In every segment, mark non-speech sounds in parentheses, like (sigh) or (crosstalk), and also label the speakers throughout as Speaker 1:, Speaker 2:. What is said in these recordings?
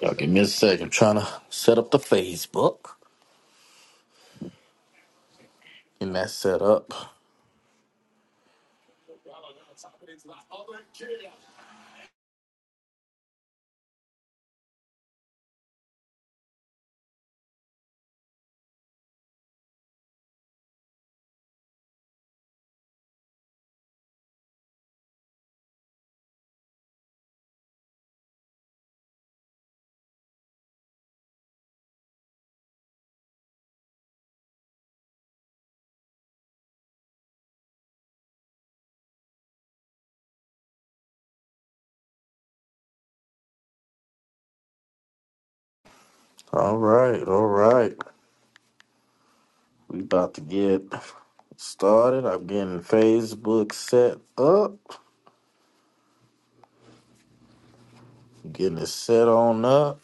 Speaker 1: Y'all give me a second. I'm trying to set up the Facebook. And that's set up. All right, all right. We about to get started. I'm getting Facebook set up. Getting it set on up.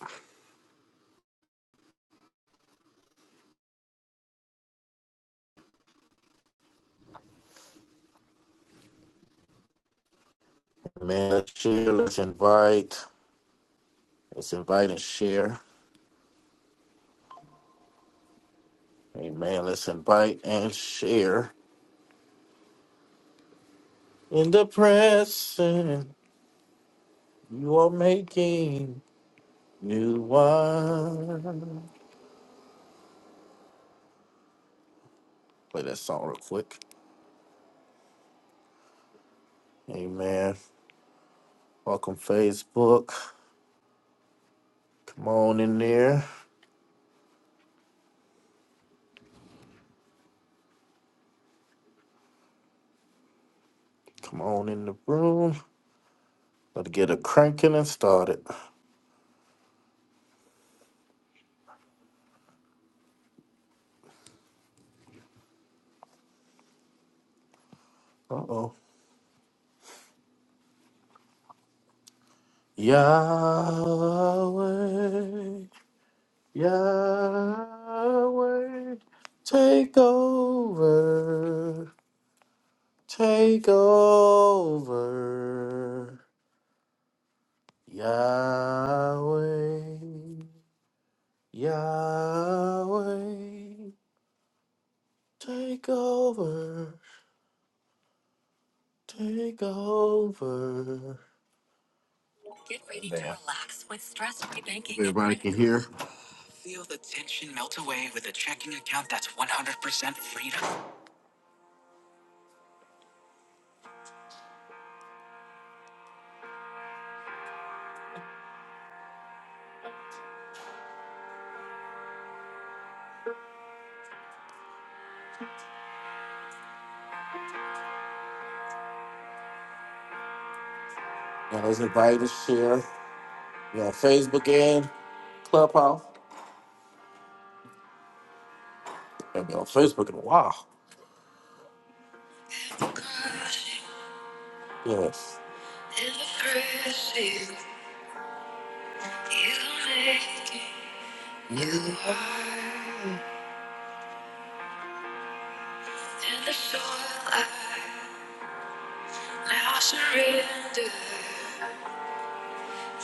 Speaker 1: Man, let's share, let's invite. Let's invite and share. Amen. Let's invite and share. In the present, you are making new wine. Play that song real quick. Amen. Welcome, Facebook. Come on in there. Come on in the room. Let's get it cranking and started. Uh oh. Yahweh, Yahweh, take over, take over. Yahweh, Yahweh, take over, take over. to Everybody can hear. Feel the tension melt away with a checking account that's 100% freedom. Now let's invite to share. We on Facebook and Clubhouse. I've been on Facebook in a while. Yes. Now surrender.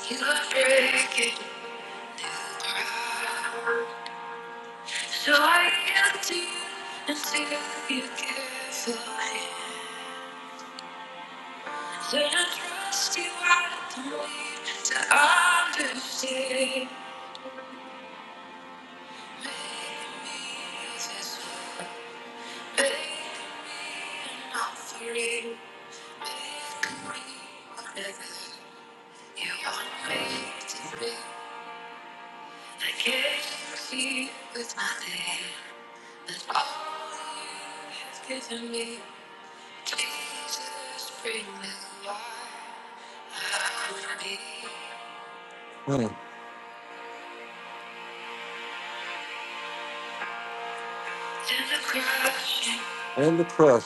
Speaker 1: You are breaking new ground. So I yield to you until you give way. When I trust you, I don't need to understand. Make me this way. Make me an offering. Make me whatever you want me to be. I can't see with my hand, but all you have given me, Jesus, bring the light I need. Mm. And the crush.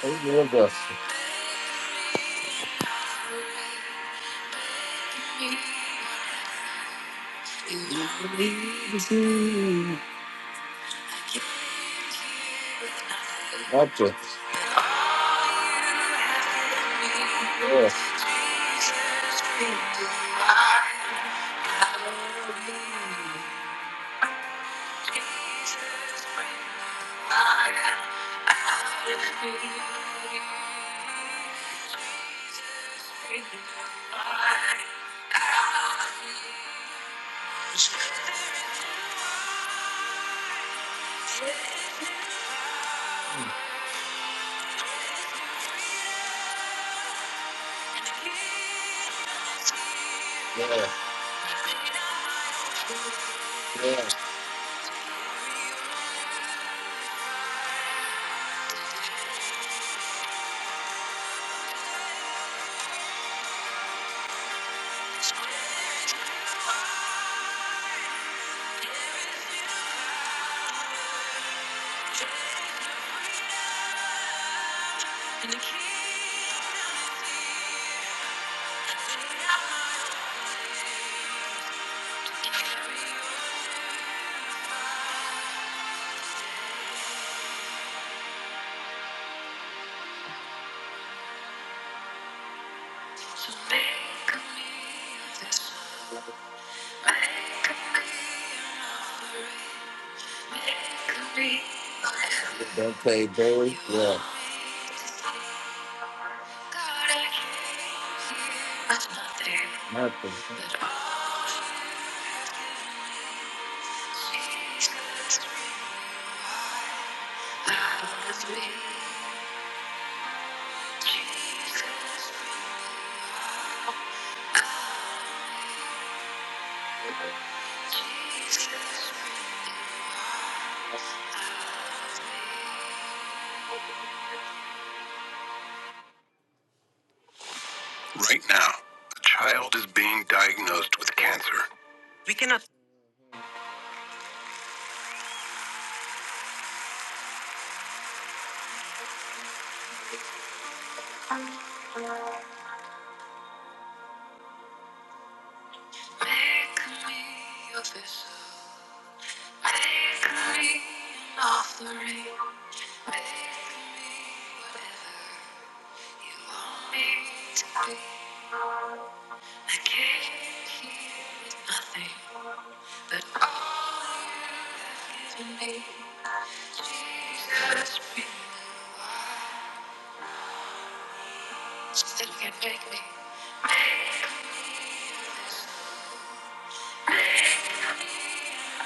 Speaker 1: Thank you, Augusta. Gotcha. Yeah, yeah, yeah. Don't Dante Barry. Yeah. Nothing. Right now, a child is being diagnosed with cancer. Make me your vessel. Make me an offering. Make me whatever you want me to be. I came here with nothing. But all you have given me, Jesus, be the one that can take me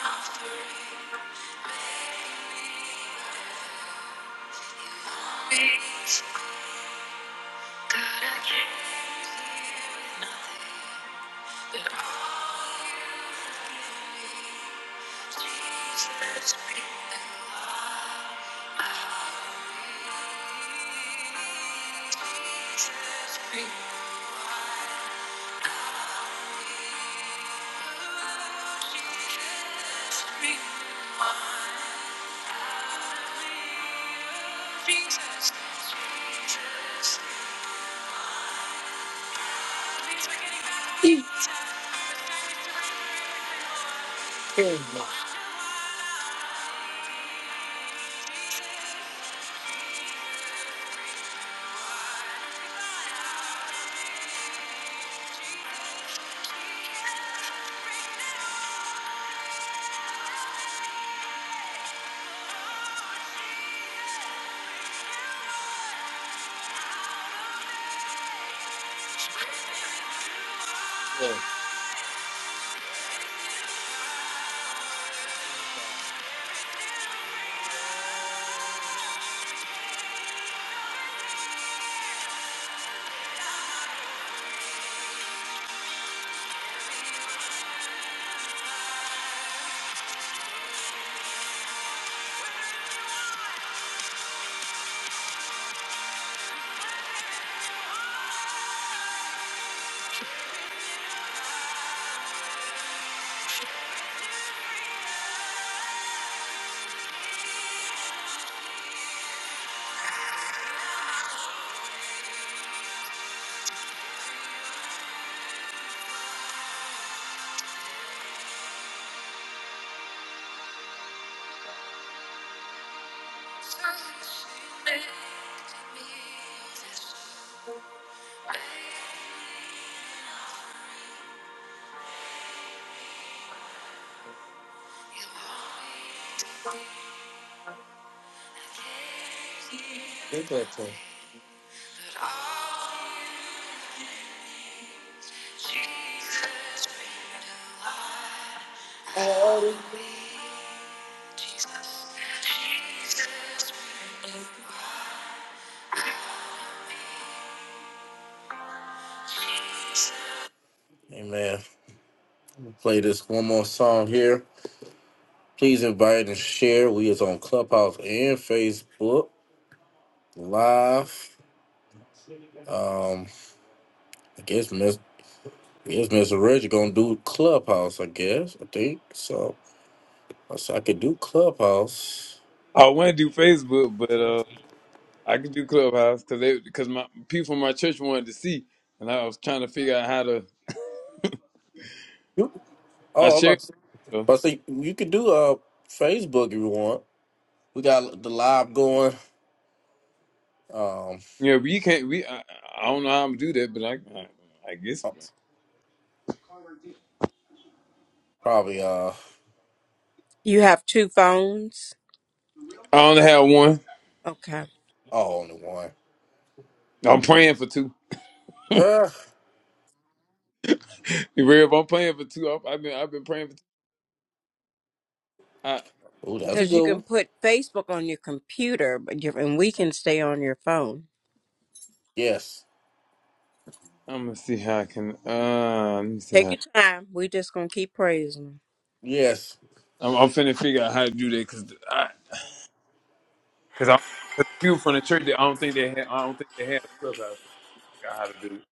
Speaker 1: off the beat. God, I came here with nothing. But all Jesus, be the one. Jesus, be the one. Jesus, Jesus, be the one. Oh, my Lord. Give that Amen. We'll play this one more song here. Please invite and share. We is on Clubhouse and Facebook live. Um, I guess Miss I guess Miss Reggie gonna do Clubhouse. I guess I think so. I said I could do Clubhouse.
Speaker 2: I want to do Facebook, but uh, I could do Clubhouse because they because my people from my church wanted to see, and I was trying to figure out how to.
Speaker 1: You-
Speaker 2: I
Speaker 1: Oh, I'm
Speaker 2: shared.
Speaker 1: about
Speaker 2: it,
Speaker 1: to, say,
Speaker 2: though.
Speaker 1: about to say you could do uh Facebook if you want. We got the live going. Um,
Speaker 2: Yeah, we can't. We I, I don't know how I'm gonna do that, but I I, I guess
Speaker 1: probably uh,
Speaker 3: You have two phones?
Speaker 2: I only have one.
Speaker 3: Okay.
Speaker 1: oh, only one.
Speaker 2: I'm praying for two. (laughs)
Speaker 1: Uh,
Speaker 2: You real If I'm praying for two, I've, I've been I've been praying for two. I
Speaker 1: oh, that's a
Speaker 3: Because you
Speaker 1: good
Speaker 3: can
Speaker 1: one.
Speaker 3: put Facebook on your computer, but you and we can stay on your phone.
Speaker 1: Yes,
Speaker 2: I'm gonna see how I can. Uh, let me see
Speaker 3: Take
Speaker 2: how.
Speaker 3: your time. we just going to keep praising Him.
Speaker 1: yes,
Speaker 2: I'm, I'm finna figure out how to do that because I because I cause the people from the church that I don't think they had I don't think they had a Clubhouse. I figure out how to do it.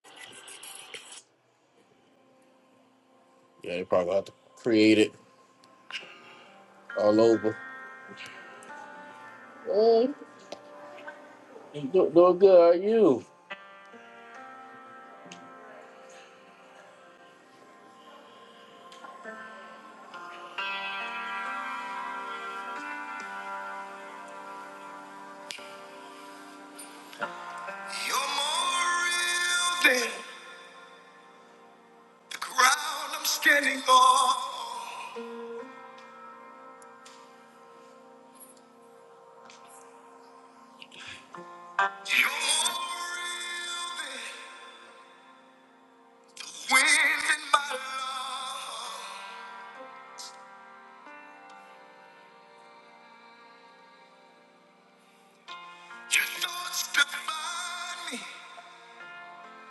Speaker 1: yeah. They probably have to create it all over. Hey, you do, doing good. How are you? You're more real than the ground I'm standing on. You're more real than the wind in my lungs. Your thoughts define me.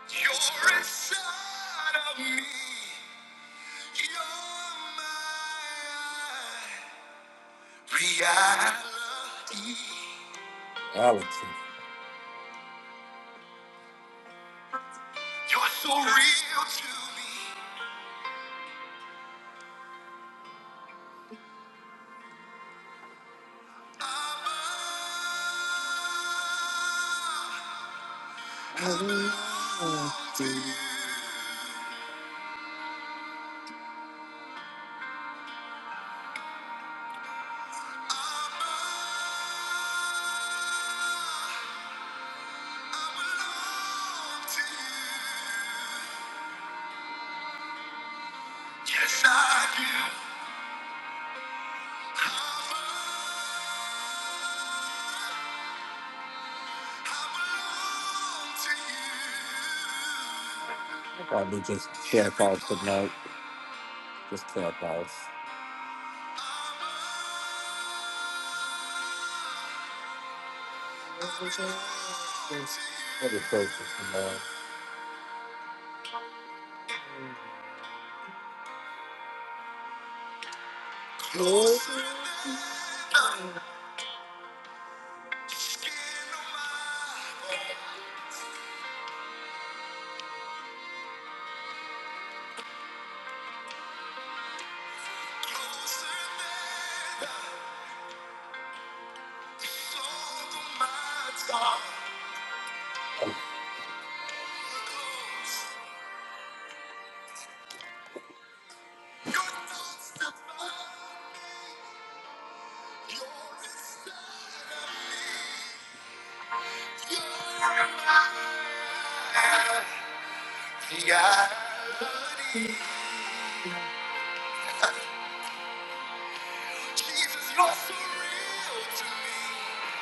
Speaker 1: You're inside of me. You're my reality. Reality. You're so real to me. I belong to you. I belong to you. Yes, I do. I'm alive I Probably just Clubhouse tonight. Just Clubhouse. What is this tonight? Closer. Yeah. Jesus, you're so real to me.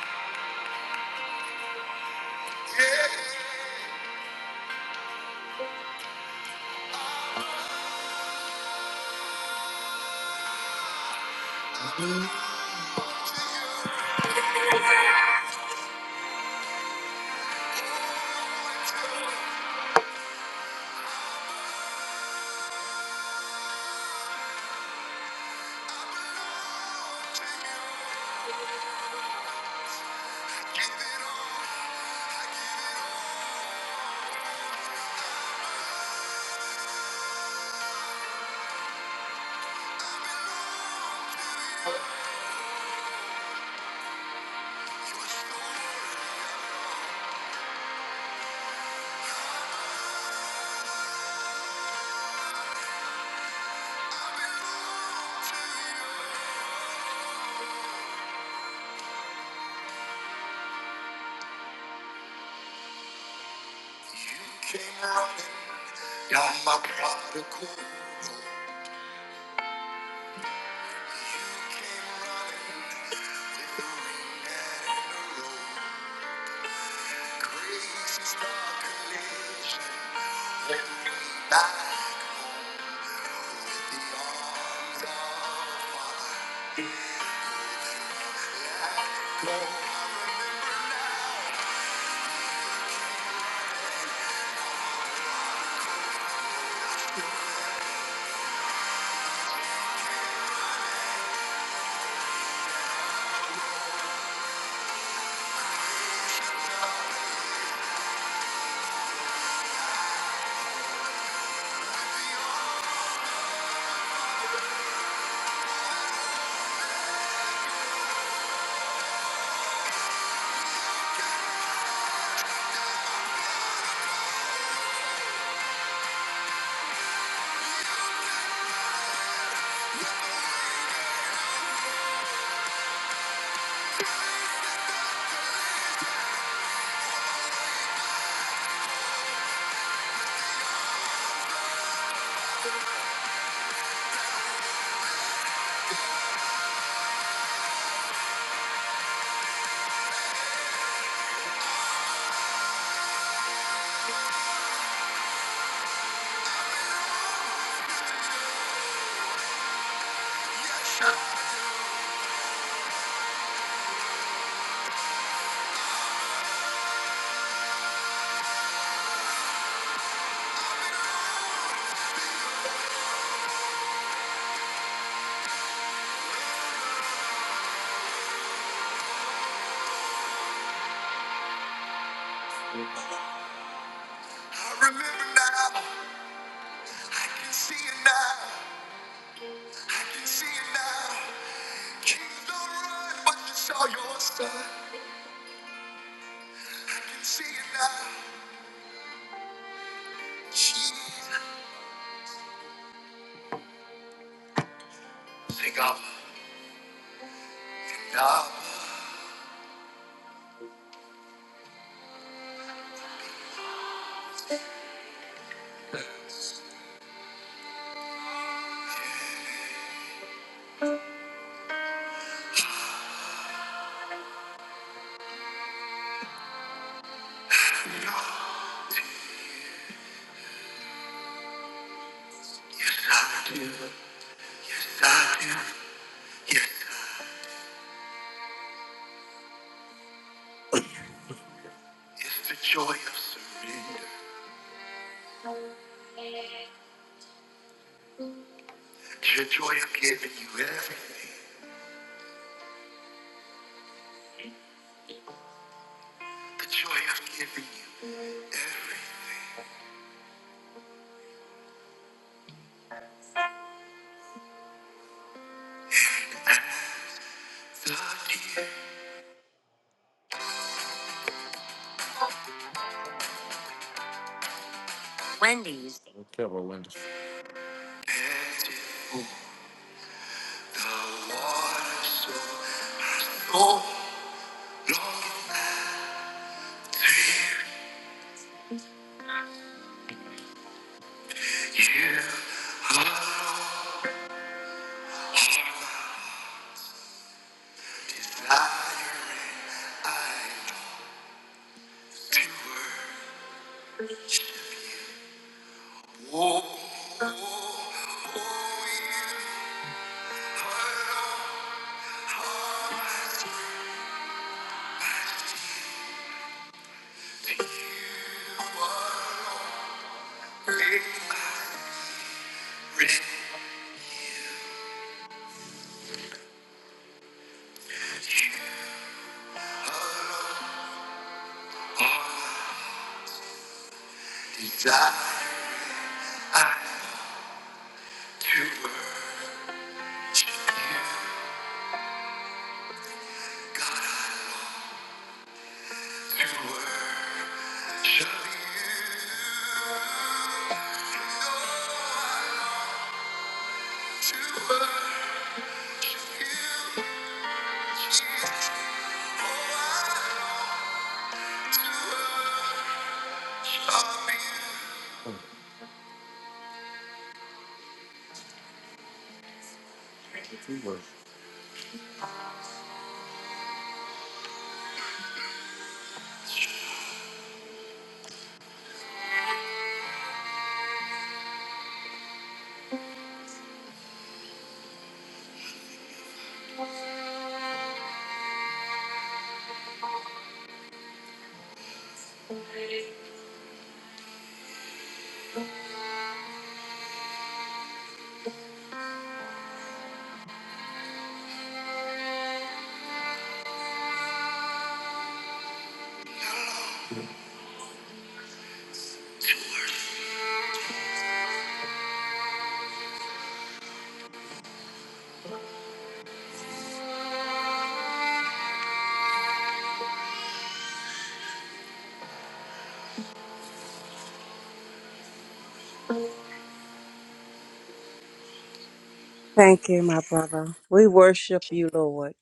Speaker 1: Yeah. You Came running down my prodigal Your grace is the collision by the arms of I remember now, I can see it now, I can see it now. Kings don't run, but you saw your son. I can see it now. Jesus, sing up and up. Yes, I do. Yes, I do. Yes, it's the joy of surrender. The joy of giving you everything. The joy of giving you everything. Okay, well, Linda. And if the water so long, long to her. Oh, oh, oh, you alone, oh, you alone, you alone. Desire to her, to her.
Speaker 3: Thank you, my brother. We worship you, Lord.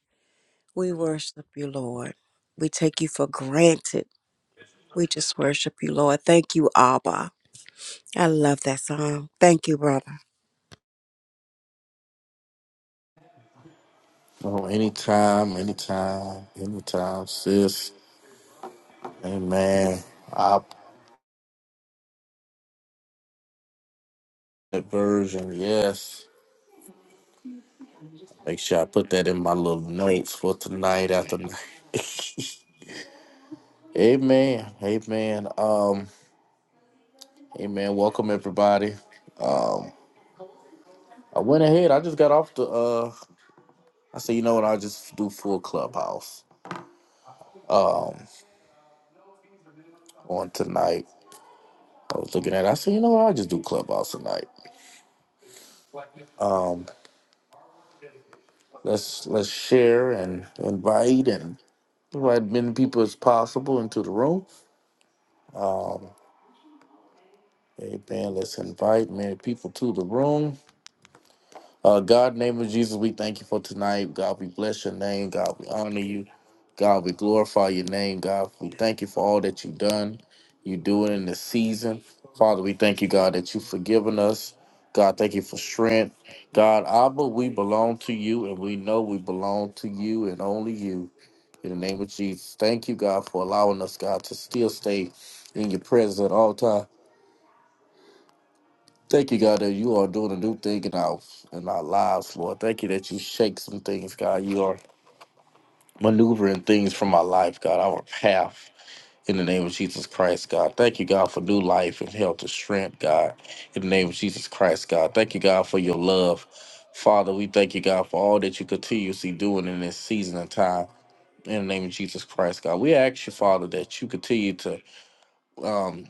Speaker 3: We worship you, Lord. We take you for granted. We just worship you, Lord. Thank you, Abba. I love that song. Thank you, brother.
Speaker 1: Oh, anytime, anytime, anytime, sis. Amen. I that version, yes. Make sure I put that in my little notes for tonight after night. (laughs) Amen. Amen. Um, amen. Welcome everybody. I went ahead. I just got off the. uh I said, you know what? I'll just do full clubhouse on tonight. I was looking at. It. I said, you know what? I'll just do clubhouse tonight. Let's let's share and invite and invite many people as possible into the room. Hey man, let's invite many people to the room. Uh, God, in the name of Jesus, we thank you for tonight. God, we bless your name. God, we honor you. God, we glorify your name. God, we thank you for all that you've done. You do it in this season. Father, we thank you, God, that you've forgiven us. God, thank you for strength. God, Abba, we belong to you, and we know we belong to you and only you. In the name of Jesus, thank you, God, for allowing us, God, to still stay in your presence at all times. Thank you, God, that you are doing a new thing in our in our lives, Lord. Thank you that you shake some things, God. You are maneuvering things from our life, God, our path. In the name of Jesus Christ, God. Thank you, God, for new life and health and strength, God. In the name of Jesus Christ, God. Thank you, God, for your love. Father, we thank you, God, for all that you continuously doing in this season and time. In the name of Jesus Christ, God. We ask you, Father, that you continue to um,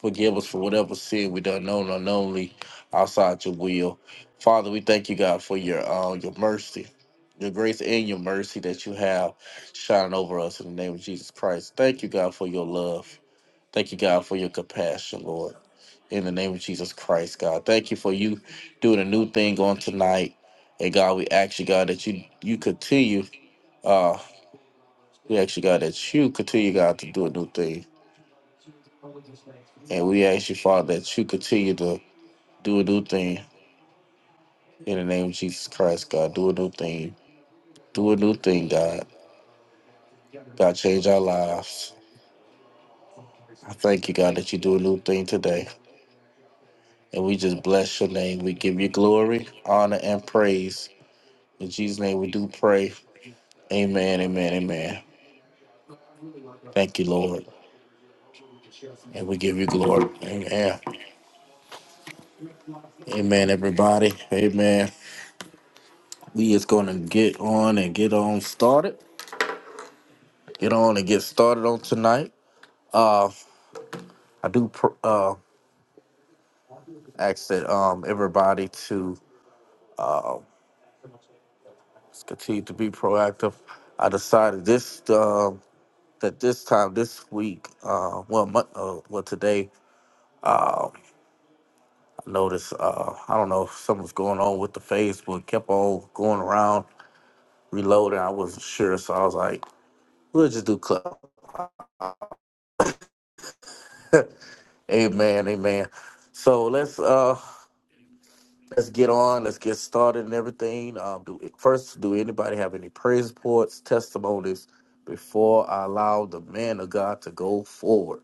Speaker 1: Forgive us for whatever sin we done known unknowingly outside your will. Father, we thank you, God, for your uh, your mercy, your grace and your mercy that you have shining over us in the name of Jesus Christ. Thank you, God, for your love. Thank you, God, for your compassion, Lord. In the name of Jesus Christ, God. Thank you for you doing a new thing on tonight. And God, we ask you, God, that you you continue. Uh, we ask you, God, that you continue, God, to do a new thing. And we ask you, Father, that you continue to Do a new thing in the name of Jesus Christ, God. Do a new thing. Do a new thing, God. God, change our lives. I thank you, God, that you do a new thing today. And we just bless your name. We give you glory, honor, and praise. In Jesus' name we do pray. Amen, amen, amen. Thank you, Lord. And we give you glory. Amen. Amen, everybody. Amen. We is gonna get on and get on started. Get on and get started on tonight. Uh I do pr- uh ask that um everybody to continue to be proactive. I decided this um that this time this week, uh, well, mon- uh, well today I noticed uh I don't know if something's going on with the Facebook, kept on going around reloading. I wasn't sure, so I was like, we'll just do club. Amen, amen. So let's uh Let's get on. Let's get started and everything. Um, do first, do anybody have any praise reports, testimonies before I allow the man of God to go forward?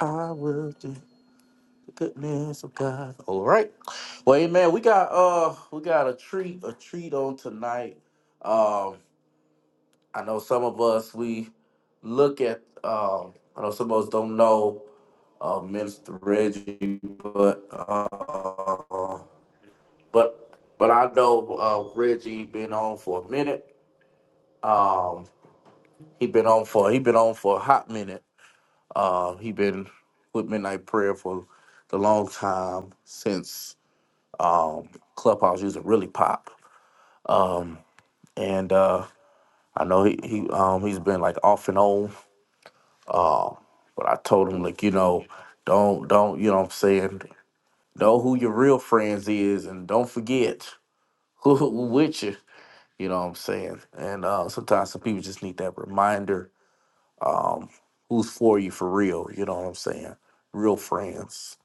Speaker 1: I will do the goodness of God. All right. Well, amen. We got uh, we got a treat, a treat on tonight. Um, I know some of us we look at. Um, I know some of us don't know uh, Minister Reggie, but. uh. But but I know uh, Reggie been on for a minute. Um, he been on for he been on for a hot minute. Uh, he been with Midnight Prayer for the long time since um, Clubhouse used to really pop. Um, and uh, I know he, he um, he's been like off and on. But I told him like you know don't don't you know what I'm saying know who your real friends is and don't forget. (laughs) who with you. You know what I'm saying? And uh, sometimes some people just need that reminder who's for you for real. You know what I'm saying? Real friends.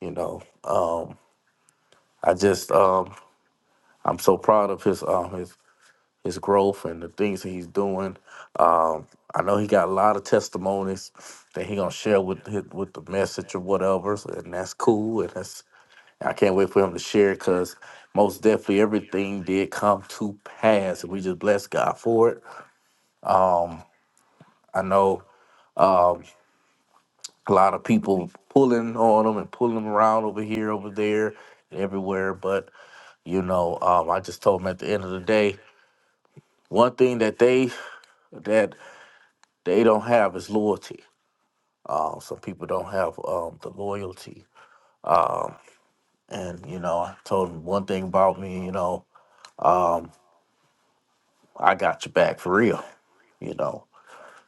Speaker 1: You know, um, I just um, I'm so proud of his um, his his growth and the things that he's doing. Um, I know he got a lot of testimonies that he gonna share with his, with the message or whatever, so- and that's cool. And that's I can't wait for him to share because most definitely everything did come to pass, and we just bless God for it I know a lot of people pulling on them and pulling them around over here, over there, and everywhere. But you know, um, I just told them at the end of the day, one thing that they that they don't have is loyalty. Um, some people don't have um, the loyalty, and you know, I told them one thing about me. You know, I got your back for real. You know,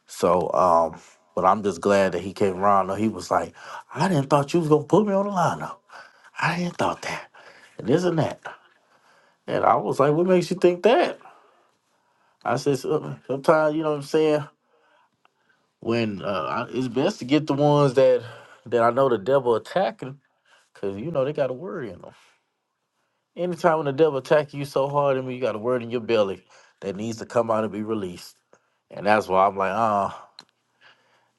Speaker 1: so um, but I'm just glad that he came around. He was like, I didn't thought you was gonna put me on the lineup. I didn't thought that, and this and that. And I was like, what makes you think that? I said, "So- sometimes, you know what I'm saying? When uh, I, it's best to get the ones that that I know the devil attacking, because, you know, they got a word in them. Anytime when the devil attacking you so hard, I mean, you got a word in your belly that needs to come out and be released. And that's why I'm like, uh,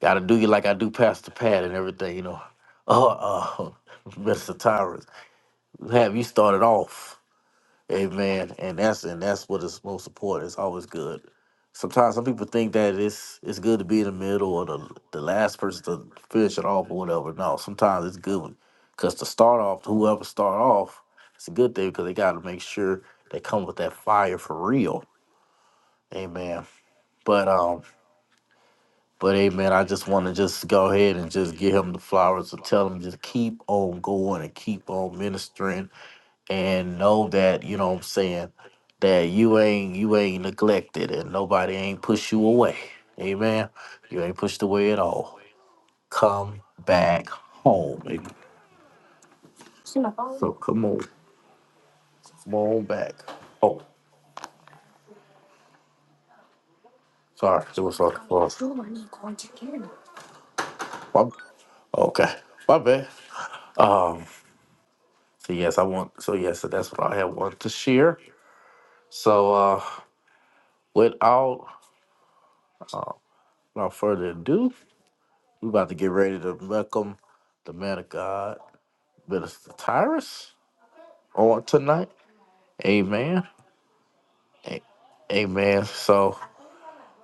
Speaker 1: got to do you like I do Pastor Pat and everything, you know. Uh, uh, (laughs) Mr. Tyrus, have you started off? Amen. And that's and that's what is most important. It's always good. Sometimes some people think that it's it's good to be in the middle or the the last person to finish it off or whatever. No, sometimes it's good because to start off, whoever start off, it's a good thing because they got to make sure they come with that fire for real. Amen. But um. But hey, man, I just want to just go ahead and just give him the flowers and tell him just keep on going and keep on ministering and know that you know what I'm saying that you ain't you ain't neglected and nobody ain't pushed you away. Amen. You ain't pushed away at all. Come back home. Amen. So come on, come on back. Oh, sorry, it was like my, okay, my bad. So yes, I want. So yes, so that's what I have wanted to share. So. uh. Without no further ado, we about to get ready to welcome the man of God, Minister Tyrus, on tonight. Amen. A- Amen. So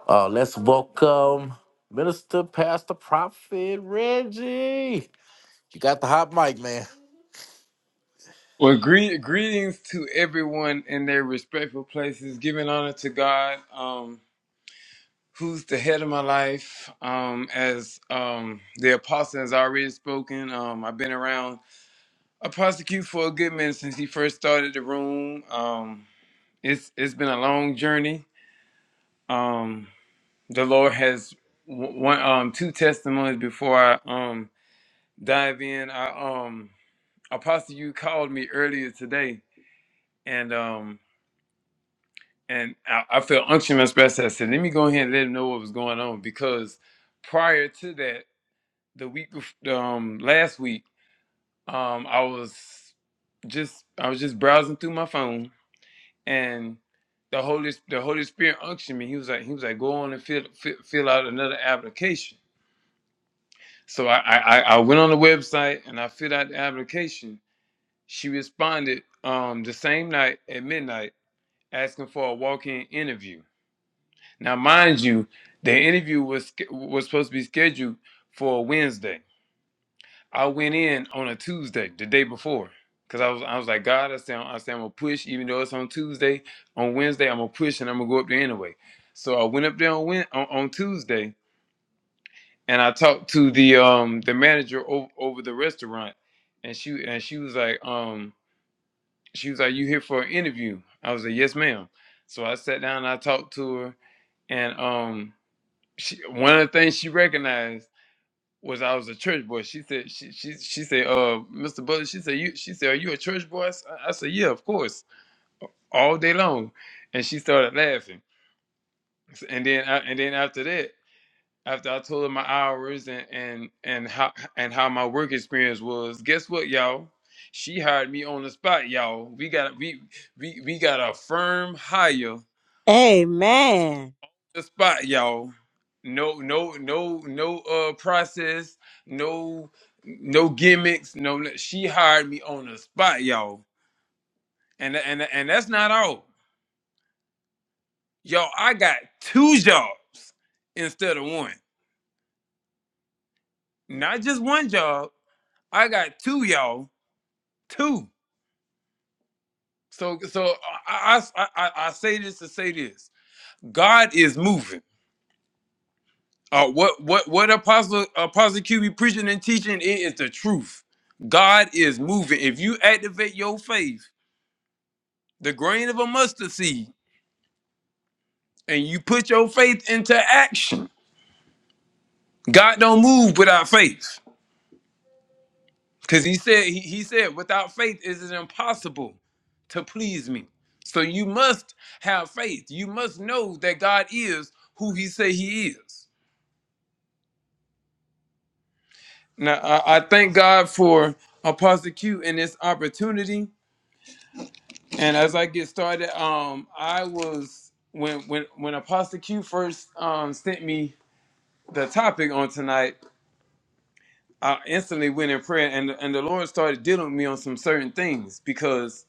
Speaker 1: uh, let's welcome Minister Pastor Prophet Reggie. You got the hot mic, man.
Speaker 2: Well, gre- greetings to everyone in their respectful places. Giving honor to God, um, who's the head of my life. Um, as um, the apostle has already spoken, um, I've been around a prosecute for a good minute since he first started the room. Um, it's it's been a long journey. Um, the Lord has w- one um, two testimonies before I um, dive in. I, um, apostle, you called me earlier today, and um, and I, I felt unction in my spirit. I said, "Let me go ahead and let him know what was going on," because prior to that, the week, bef- um, last week, um, I was just I was just browsing through my phone, and the Holy the Holy Spirit unctioned me. He was like, he was like, go on and fill fill, fill out another application. So I, I I I went on the website and I filled out the application. She responded um the same night at midnight asking for a walk-in interview. Now, mind you, the interview was was supposed to be scheduled for a Wednesday. I went in on a Tuesday, the day before, because I was I was like, God, I said I said I'm gonna push, even though it's on Tuesday. On Wednesday, I'm gonna push and I'm gonna go up there anyway. So I went up there on Wed- on, on Tuesday, and I talked to the um the manager over, over the restaurant, and she and she was like um she was like, you here for an interview? I was like, yes, ma'am. So I sat down and I talked to her, and um she, one of the things she recognized was I was a church boy. She said, she she, she said, uh, Mr. Butler, she said, you, she said, are you a church boy? I, s- I said, yeah, of course, all day long. And she started laughing. S- And then, I, and then after that, after I told her my hours and and and how and how my work experience was, guess what, y'all? She hired me on the spot, y'all. We got we we we got a firm hire
Speaker 3: Amen.
Speaker 2: the spot, y'all. No, no, no, no. Uh, process. No, no gimmicks. No, she hired me on the spot, y'all. And and and that's not all, y'all. I got two jobs instead of one. Not just one job. I got two, y'all. Two. So so I I I, I I say this to say this. God is moving. Uh, what what what Apostle Apostle Q be preaching and teaching it is the truth. God is moving. If you activate your faith, the grain of a mustard seed, and you put your faith into action, God don't move without faith. Because he said he, he said without faith is it impossible to please me. So you must have faith. You must know that God is who he say he is. Now I, I thank God for Apostle Q and this opportunity. And as I get started, um, I was when when when Apostle Q first um sent me the topic on tonight, I instantly went in prayer, and and the Lord started dealing with me on some certain things because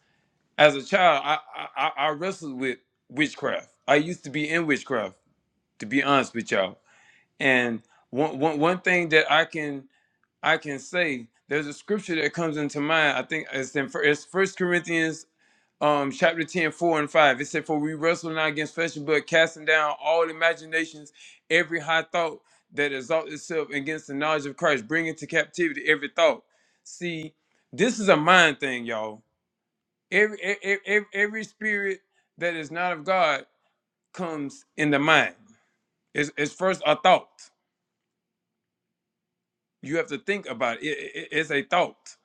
Speaker 2: as a child, I I, I I wrestled with witchcraft. I used to be in witchcraft, to be honest with y'all. And one one one thing that I can I can say, there's a scripture that comes into mind. I think it's in First Corinthians um chapter 10, 4 and 5 it said for we wrestle not against flesh and blood casting down all imaginations every high thought that exalts itself against the knowledge of christ bringing to captivity every thought see this is a mind thing y'all every every, every, every spirit that is not of god comes in the mind it's, it's first a thought you have to think about it, It- it- it's a thought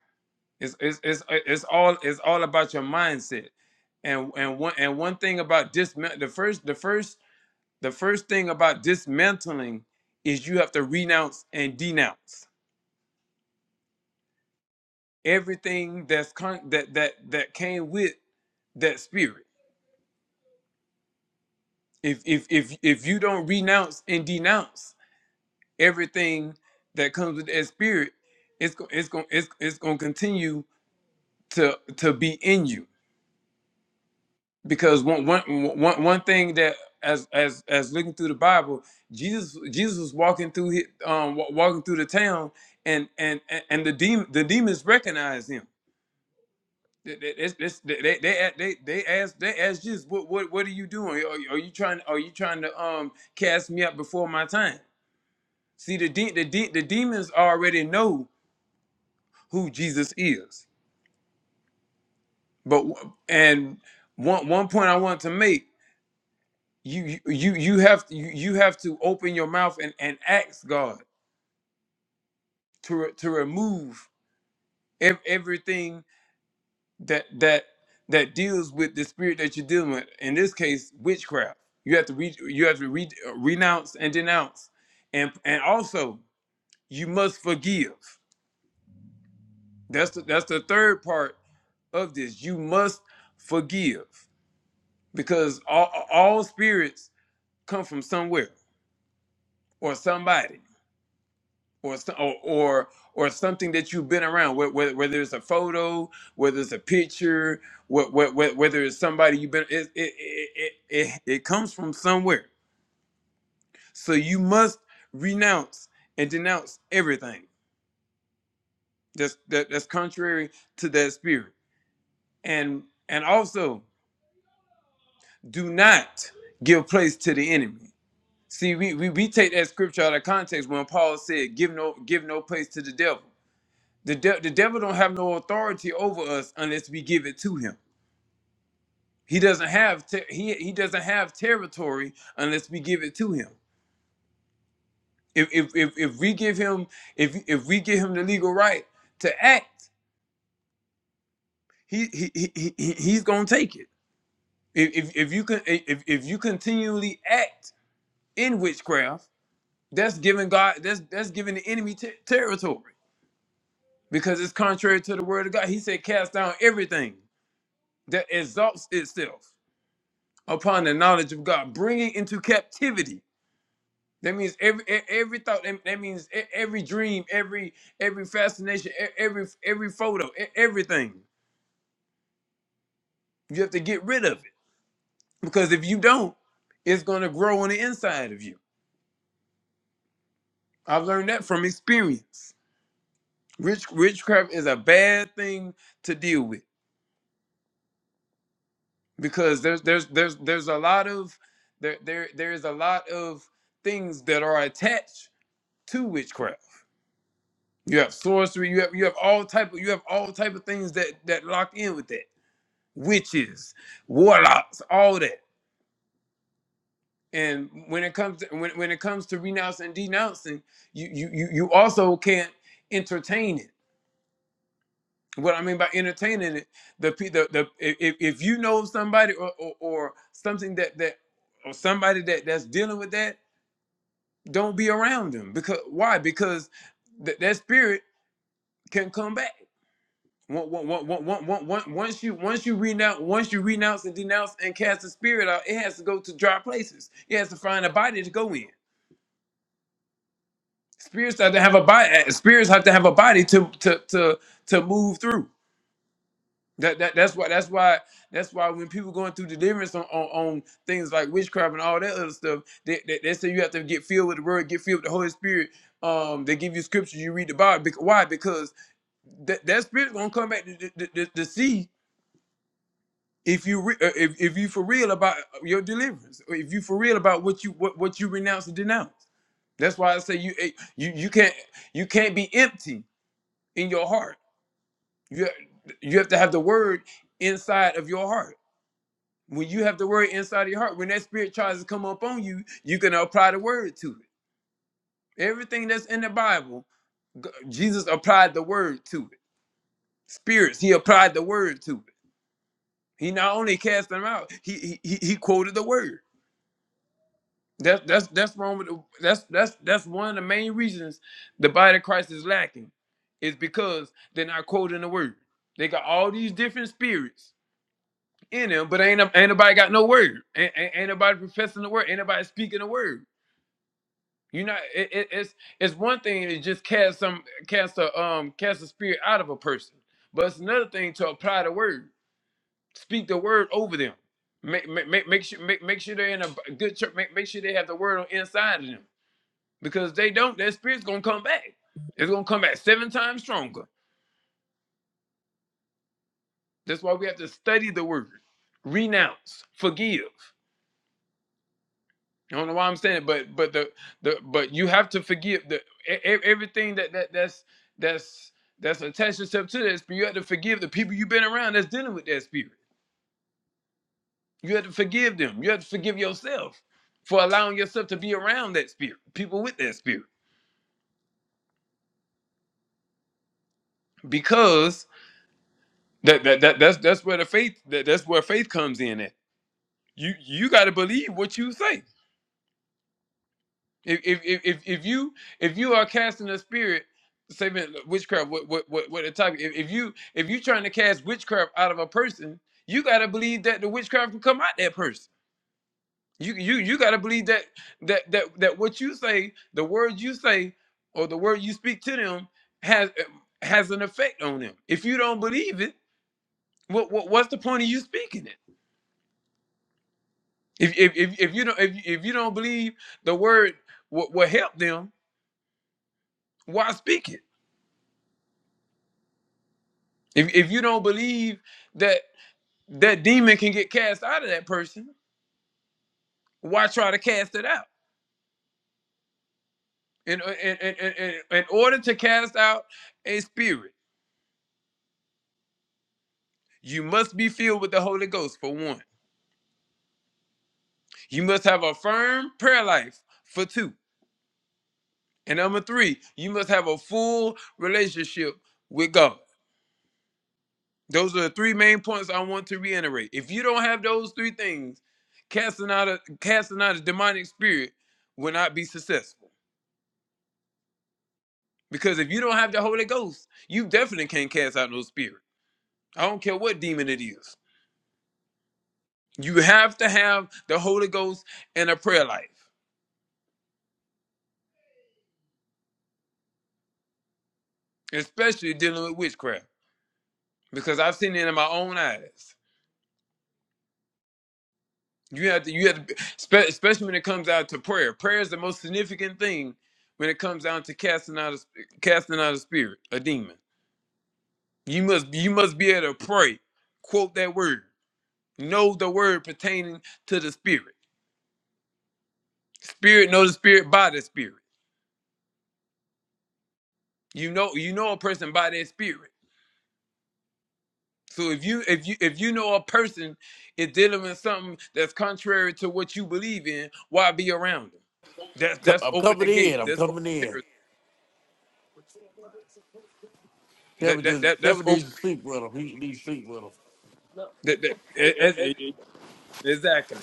Speaker 2: it's, it's it's it's all it's all about your mindset and and one and one thing about dismount the first the first The first thing about dismantling is you have to renounce and denounce everything that's con- that that that came with that spirit. If if if if you don't renounce and denounce everything that comes with that spirit, it's go- it's going it's, it's going to continue to to be in you because one one one one thing that as as as looking through the Bible, Jesus Jesus was walking through his, um wa- walking through the town, and and and and the demon the demons recognized him. They they it's- it's- they they they they asked they asked Jesus, what what what are you doing? Are, you- are you trying are you trying to um cast me out before my time? See the de- the de- the demons already know who Jesus is, but w- and one one point I want to make you you you have to you, you have to open your mouth and, and ask God to re- to remove ev- everything that that that deals with the spirit that you're dealing with. In this case, witchcraft. You have to re, you have to re, renounce and denounce, and and also you must forgive. That's the, that's the third part of this. You must forgive because all all spirits come from somewhere or somebody or so- or or, or something that you've been around, whe- whe- whether it's a photo, whether it's a picture, whe- whe- whe- whether it's somebody you've been, it it, it it it it comes from somewhere. So you must renounce and denounce everything that's that, that's contrary to that spirit, and and also do not give place to the enemy. See, we, we, we take that scripture out of context when Paul said, "Give no give no place to the devil." The, de- the devil don't have no authority over us unless we give it to him. He doesn't have ter- he he doesn't have territory unless we give it to him. If if if, if we give him if if we give him the legal right to act, he he, he, he he's gonna take it. If if, if you can if, if you continually act in witchcraft, that's giving God that's that's giving the enemy ter- territory because it's contrary to the word of God. He said, "Cast down everything that exalts itself." upon the knowledge of God, bringing into captivity. That means every e- every thought. That means e- every dream, every every fascination, e- every every photo, e- everything. You have to get rid of it because if you don't, it's going to grow on the inside of you. I've learned that from experience. Rich witchcraft is a bad thing to deal with because there's there's there's there's a lot of there there there is a lot of things that are attached to witchcraft You have sorcery. You have you have all type of you have all type of things that that lock in with that. Witches, warlocks, all that. And when it comes to, when when it comes to renouncing and denouncing, you you you you also can't entertain it. What I mean by entertaining it, the pe- the, the if, if you know somebody or, or or something that that or somebody that that's dealing with that, don't be around them because why? Because th- that spirit can come back Once once- once- you once you renounce once you renounce and denounce and cast the spirit out, it has to go to dry places. It has to find a body to go in. Spirits have to have a body. Spirits have to have a body to to to to move through. That, that that's why that's why that's why when people going through deliverance on, on, on things like witchcraft and all that other stuff, they, they, they say you have to get filled with the word, get filled with the Holy Spirit. Um, they give you scriptures, you read the Bible. Bec- Why? Because that that spirit's gonna come back to, to, to to see if you re- uh, if, if you for real about your deliverance or if you for real about what you what, what you renounce and denounce that's why i say you eh, you you can't you can't be empty in your heart you have, you have to have the word inside of your heart when you have the word inside of your heart when that spirit tries to come up on you you can apply the word to it everything that's in the bible G- jesus applied the word to it spirits he applied the word to it he not only cast them out he he, he he quoted the word That's that's that's wrong with the, that's that's that's one of the main reasons the body of Christ is lacking, is because they're not quoting the word. They got all these different spirits in them, but ain't ain't nobody got no word. Ain't, ain't, ain't nobody professing the word. Ain't nobody speaking the word. You know, it, it, it's it's one thing to just cast some cast a um cast a spirit out of a person, but it's another thing to apply the word, speak the word over them. Make, make, make, make sure make, make sure they're in a good church. Make, make sure they have the word on inside of them because they don't, that spirit's gonna come back. It's gonna come back seven times stronger. That's why we have to study the word, renounce, forgive. I don't know why I'm saying it, but but the the but you have to forgive the e- e- everything that that that's that's that's attached yourself to that spirit. You have to forgive the people you've been around that's dealing with that spirit. You have to forgive them. You have to forgive yourself for allowing yourself to be around that spirit, people with that spirit, because that that, that that's that's where the faith that, that's where faith comes in. At. you you got to believe what you say. If if if if if you if you are casting a spirit, say man, witchcraft, what what what what the topic? If, if you if you trying to cast witchcraft out of a person, you got to believe that the witchcraft can come out that person. You you you got to believe that that that that what you say, the words you say, or the word you speak to them has has an effect on them. If you don't believe it, what, what what's the point of you speaking it? If if if, if you don't if, if you don't believe the word will, will help them. why speak it? If if you don't believe that that demon can get cast out of that person, why try to cast it out? In in in, in, in in order to cast out a spirit, you must be filled with the Holy Ghost for one. You must have a firm prayer life for two. And number three, you must have a full relationship with God. Those are the three main points I want to reiterate. If you don't have those three things, casting out a casting out a demonic spirit will not be successful. Because if you don't have the Holy Ghost, you definitely can't cast out no spirit. I don't care what demon it is. You have to have the Holy Ghost and a prayer life, especially dealing with witchcraft. Because I've seen it in my own eyes. You have to, you have to, spe- especially when it comes out to prayer. Prayer is the most significant thing when it comes down to casting out a, sp- casting out a spirit, a demon. You must, you must be able to pray, quote that word, know the word pertaining to the spirit. Spirit, know the spirit, by the spirit. You know, you know a person by their spirit. So if you if you if you know a person is dealing with something that's contrary to what you believe in, why be around them? That's
Speaker 1: Co-
Speaker 2: that's
Speaker 1: I'm
Speaker 2: open the
Speaker 1: coming in.
Speaker 2: gate.
Speaker 1: I'm
Speaker 2: That's open
Speaker 1: coming in.
Speaker 2: territory.
Speaker 1: Kevin
Speaker 2: That that
Speaker 1: just
Speaker 2: that that's
Speaker 1: Kevin
Speaker 2: open.
Speaker 1: needs to sleep with him. He needs to sleep with him.
Speaker 2: That, that, that- that's- exactly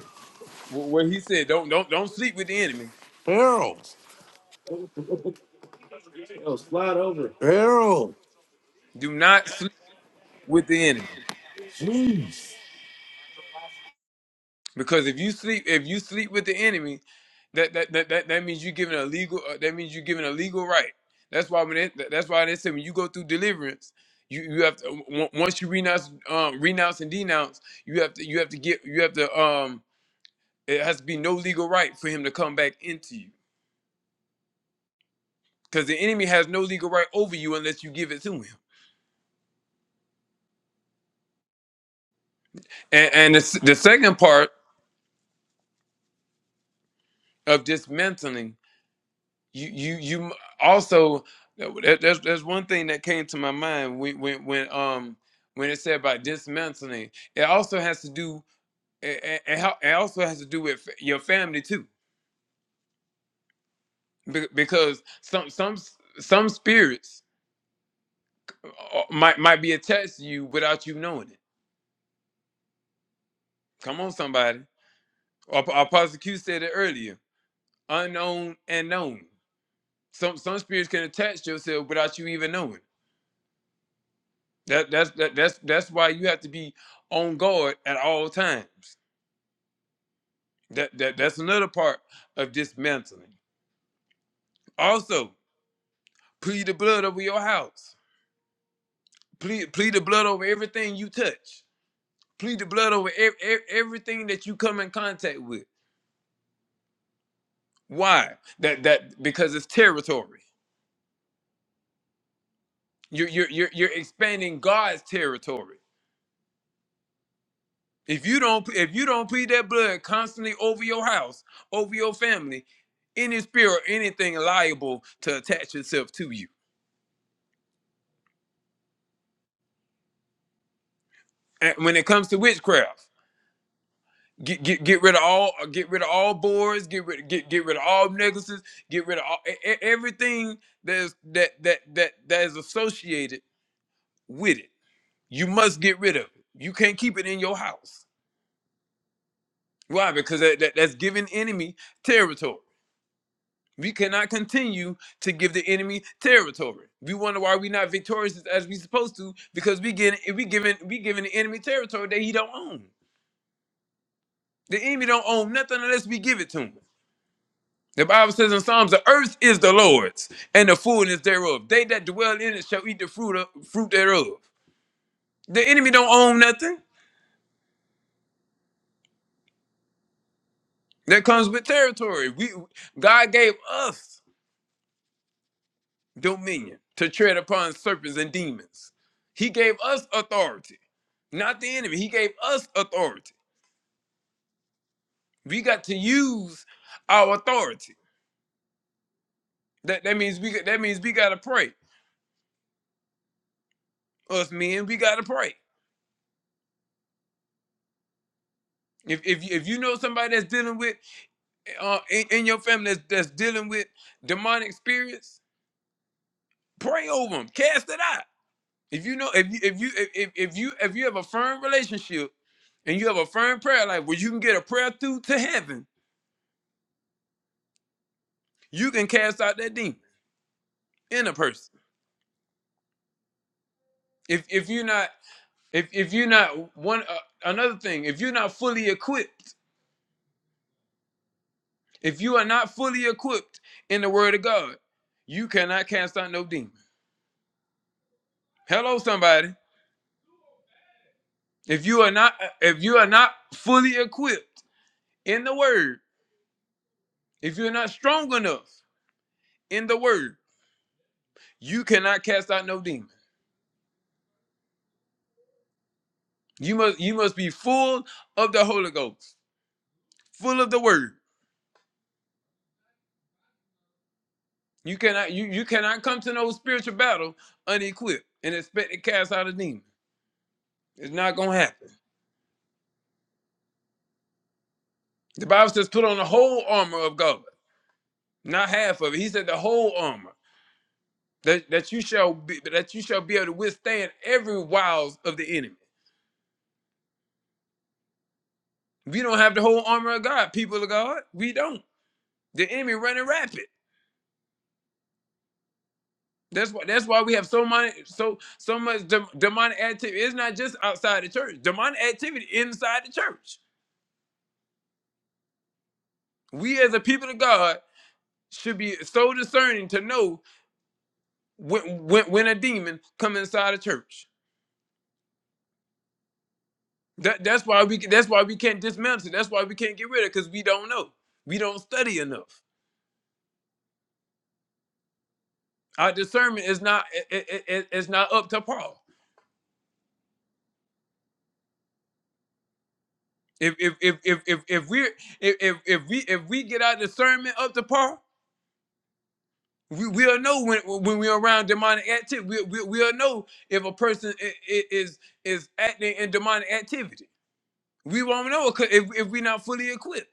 Speaker 2: Wh- what he said. Don't don't don't sleep with the enemy.
Speaker 1: Harold. Oh, slide over. Harold.
Speaker 2: Do not sleep with the enemy.
Speaker 1: Jeez.
Speaker 2: Because if you sleep, if you sleep with the enemy, that that that that, that means you giving a legal. uh, That means you giving a legal right. That's why when it, that's why they say when you go through deliverance, you you have to on- once you renounce, um, renounce and denounce, you have to you have to get you have to um. It has to be no legal right for him to come back into you, because the enemy has no legal right over you unless you give it to him. And and the, s- the second part of dismantling you you you also that, that's that's one thing that came to my mind when when when um when it said about dismantling it also has to do it, it, it hel- it also has to do with your family too Be- because some some s- some spirits uh, uh, might might be attached to you without you knowing it come on somebody Ap- apostle q said it earlier unknown and known some some spirits can attach yourself without you even knowing That that's that, that's that's why you have to be on guard at all times. That that that's another part of dismantling. Also, plead the blood over your house. Plead plead the blood over everything you touch. Plead the blood over ev- ev- everything that you come in contact with. Why? That that because it's territory. You're you're you're, you're expanding God's territory. If you don't if you don't plead that blood constantly over your house, over your family, any spirit, or anything liable to attach itself to you. And when it comes to witchcraft, get get get rid of all uh, get rid of all boards, get rid get get rid of all necklaces, get rid of all, e- e- everything that's that that that that is associated with it. You must get rid of it. You can't keep it in your house. Why? Because that, that that's giving enemy territory. We cannot continue to give the enemy territory. We wonder why we're not victorious as we supposed to, because we get we giving we giving the enemy territory that he don't own. The enemy don't own nothing unless we give it to him. The Bible says in Psalms, the earth is the Lord's and the fullness thereof. They that dwell in it shall eat the fruit of, fruit thereof. The enemy don't own nothing. That comes with territory. We God gave us. dominion to tread upon serpents and demons. He gave us authority, not the enemy. He gave us authority. We got to use our authority. That that means we that means we gotta pray. Us men, we gotta pray. If if you, if you know somebody that's dealing with uh, in, in your family that's, that's dealing with demonic spirits, pray over them. Cast it out. If you know if you if you if if you if you have a firm relationship and you have a firm prayer life where you can get a prayer through to heaven You can cast out that demon in a person. If if you're not if if you're not one uh, another thing, if you're not fully equipped, if you are not fully equipped in the word of God, you cannot cast out no demon. Hello somebody. If you are not uh, if you are not fully equipped in the word, if you're not strong enough in the word, you cannot cast out no demon. You must you must be full of the Holy Ghost, full of the word. You cannot you you cannot come to no spiritual battle unequipped and expect to cast out a demon. It's not gonna happen. The Bible says, "Put on the whole armor of God, not half of it." He said, "The whole armor that, that you shall be that you shall be able to withstand every wiles of the enemy." We don't have the whole armor of God, people of God. We don't. The enemy running rapid. That's why. That's why we have so much, so so much dem- demonic activity. It's not just outside the church. Demonic activity inside the church. We as a people of God should be so discerning to know when when, when a demon come inside a church. That that's why we that's why we can't dismantle. it. That's why we can't get rid of it because we don't know. We don't study enough. Our discernment is not it, it, it- it's not up to par. If if if if if if we if if if we if we get our discernment up to par, we we'll know when when we're around demonic activity. We, we we'll know if a person i- i- is is acting in demonic activity. We won't know it 'cause if if we're not fully equipped.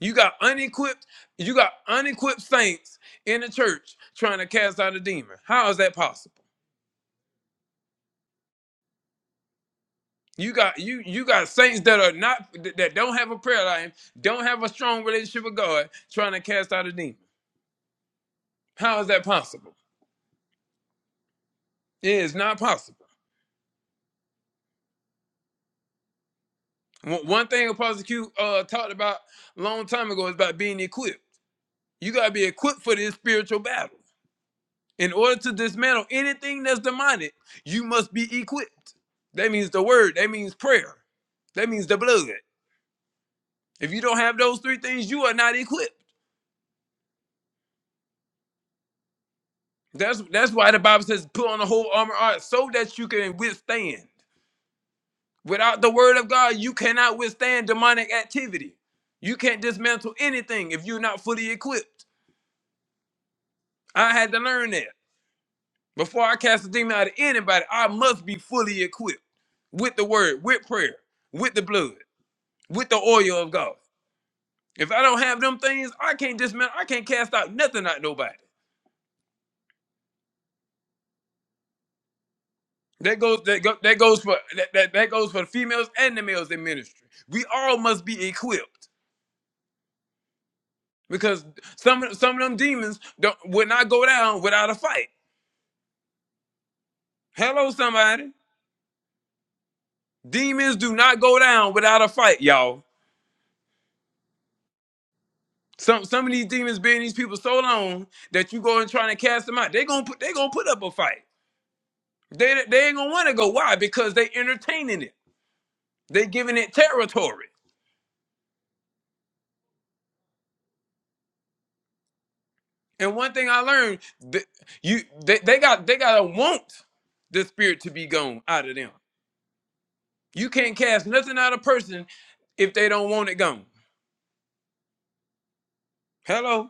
Speaker 2: You got unequipped, you got unequipped saints in the church trying to cast out a demon. How is that possible? You got you you got saints that are not that don't have a prayer life, don't have a strong relationship with God, trying to cast out a demon. How is that possible? It is not possible. One one thing Apostle Q uh, talked about a long time ago is about being equipped. You gotta be equipped for this spiritual battle. In order to dismantle anything that's demonic, you must be equipped. That means the word, that means prayer, that means the blood. If you don't have those three things, you are not equipped. That's that's why the Bible says put on the whole armor of God so that you can withstand. Without the word of God, you cannot withstand demonic activity. You can't dismantle anything if you're not fully equipped. I had to learn that. Before I cast a demon out of anybody, I must be fully equipped with the word, with prayer, with the blood. with the oil of God. If I don't have them things, I can't dismantle. I can't cast out nothing out nobody. That goes that, go, that goes for that, that that goes for the females and the males in ministry. We all must be equipped because some of- some of them demons don't would not go down without a fight. Hello, somebody. Demons do not go down without a fight, y'all. Some some of these demons been in these people so long that you go and trying to cast them out. They gonna put they gonna put up a fight. They they ain't gonna want to go. Why? Because they entertaining it. They are giving it territory. And one thing I learned, th- you they, they got they gotta want the spirit to be gone out of them. You can't cast nothing out of a person if they don't want it gone. Hello?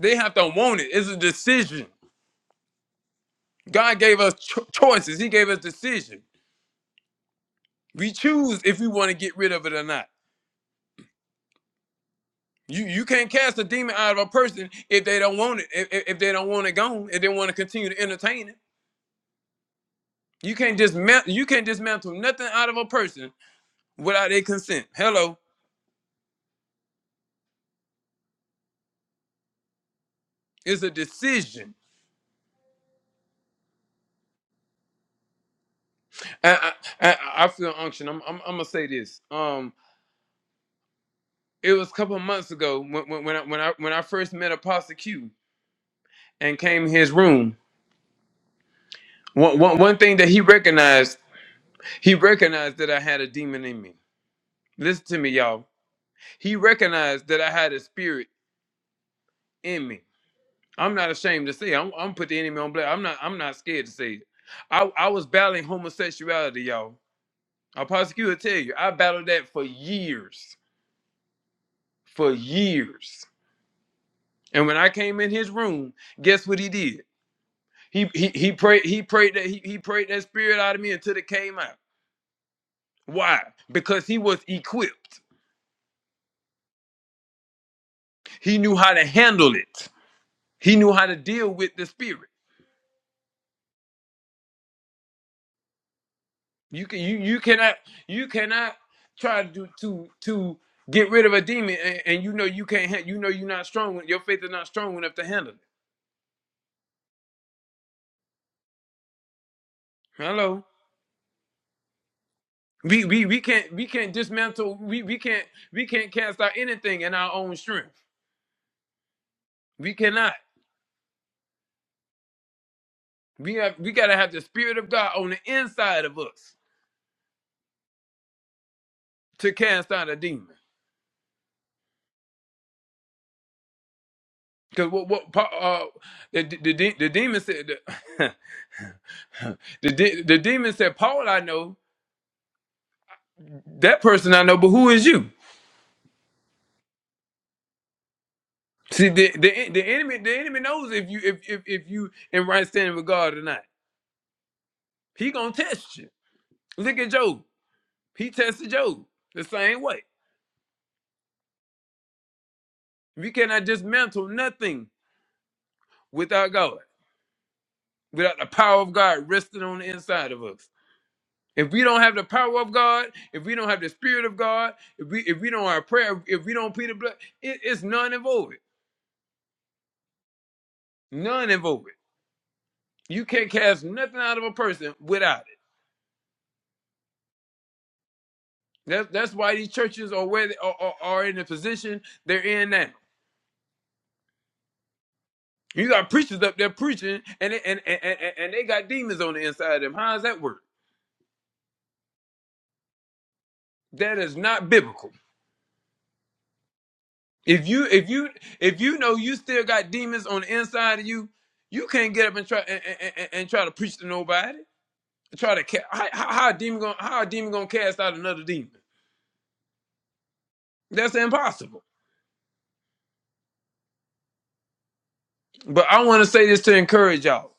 Speaker 2: They have to want it. It's a decision. God gave us cho- choices. He gave us decision. We choose if we want to get rid of it or not. You you can't cast a demon out of a person if they don't want it. If, if if they don't want it gone, if they want to continue to entertain it. You can't dismantle you can't dismantle nothing out of a person without their consent. Hello, it's a decision. I I, I I feel unction. I'm, I'm I'm gonna say this. Um, it was a couple of months ago when when, when I, when I when I first met Apostle Q and came in his room. One, one, one thing that he recognized, he recognized that I had a demon in me. Listen to me, y'all. He recognized that I had a spirit in me. I'm not ashamed to say. it. I'm, I'm put the enemy on black. I'm not. I'm not scared to say it. I, I was battling homosexuality, y'all. Apostle Q will tell you, I battled that for years. for years. And when I came in his room, guess what he did? He he he prayed he prayed that he, he prayed that spirit out of me until it came out. Why? Because he was equipped. He knew how to handle it. He knew how to deal with the spirit. You can you you cannot you cannot try to do to to get rid of a demon and, and you know you can't ha- you know you're not strong when your faith is not strong enough to handle it. Hello. We we we can't we can't dismantle we we can't we can't cast out anything in our own strength. We cannot. We have we gotta have the spirit of God on the inside of us to cast out a demon. Because what what Pa- uh, the, the the the demon said the, (laughs) the de- the demon said Paul I know that person I know but who is you see the the, the enemy the enemy knows if you if, if if you in right standing with God or not he gonna test you look at Job he tested Job the same way we cannot dismantle nothing without God without the power of God resting on the inside of us If we don't have the power of God, if we don't have the spirit of God, if we if we don't have prayer, if we don't plead the blood, it, it's none involved. None involved. You can't cast nothing out of a person without it. That's that's why these churches are where they are, are, are in the position they're in now. You got preachers up there preaching, and they, and, and and and they got demons on the inside of them. How does that work? That is not biblical. If you if you if you know you still got demons on the inside of you, you can't get up and try and, and, and and try to preach to nobody. try to ca- how, how a demon gonna how a demon gonna cast out another demon? That's impossible. But I want to say this to encourage y'all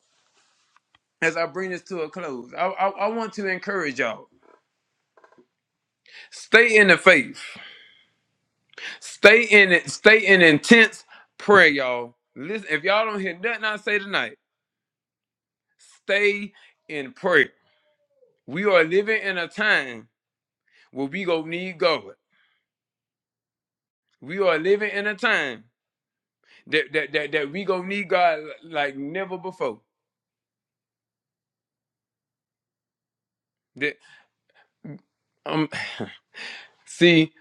Speaker 2: as I bring this to a close. I, I I want to encourage y'all. Stay in the faith. Stay in it. Stay in intense prayer, y'all. Listen, if y'all don't hear nothing I say tonight, stay in prayer. We are living in a time where we gonna need God. We are living in a time that that that, that we gonna need God like never before. That um. (sighs) See,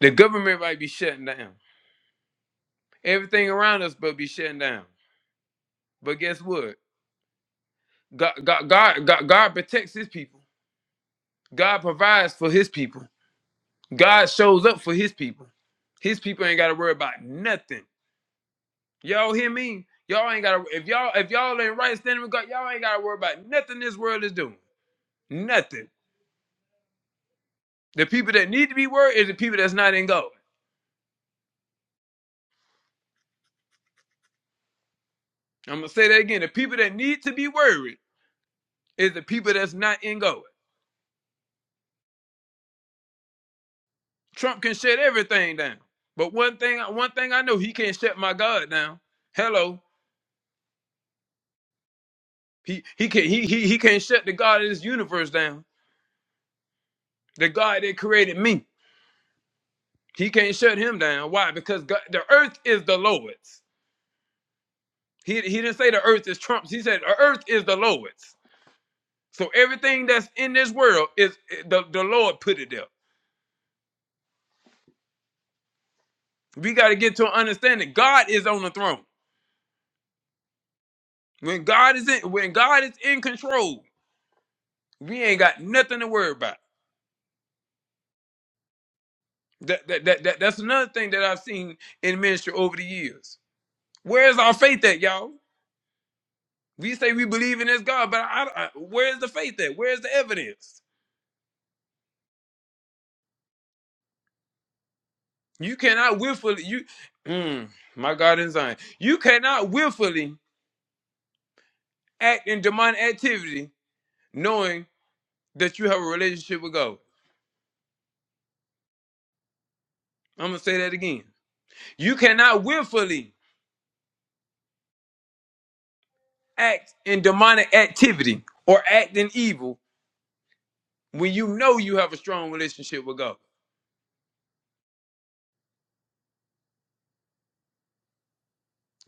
Speaker 2: the government might be shutting down. Everything around us but be shutting down. But guess what? God, God, God, God, God protects his people. God provides for his people. God shows up for his people. His people ain't gotta worry about nothing. Y'all hear me? Y'all ain't gotta if y'all if y'all ain't right standing with God, y'all ain't gotta worry about nothing this world is doing. Nothing. The people that need to be worried is the people that's not in God. I'm gonna say that again. The people that need to be worried is the people that's not in God. Trump can shut everything down. But one thing, one thing I know, he can't shut my God down. Hello, he he can he he he can't shut the God of this universe down. The God that created me, he can't shut him down. Why? Because God, the earth is the Lord's. He he didn't say the earth is Trump's. He said the earth is the Lord's. So everything that's in this world is eh, the the Lord put it there. We got to get to an understanding. God is on the throne. When God is in when God is in control, we ain't got nothing to worry about. That, that, that, that that's another thing that I've seen in ministry over the years. Where's our faith at, y'all? We say we believe in this God, but I, I, where's the faith at? Where's the evidence? You cannot willfully you, mm, my God in Zion. You cannot willfully act in demonic activity knowing that you have a relationship with God. I'm gonna say that again. You cannot willfully act in demonic activity or act in evil when you know you have a strong relationship with God.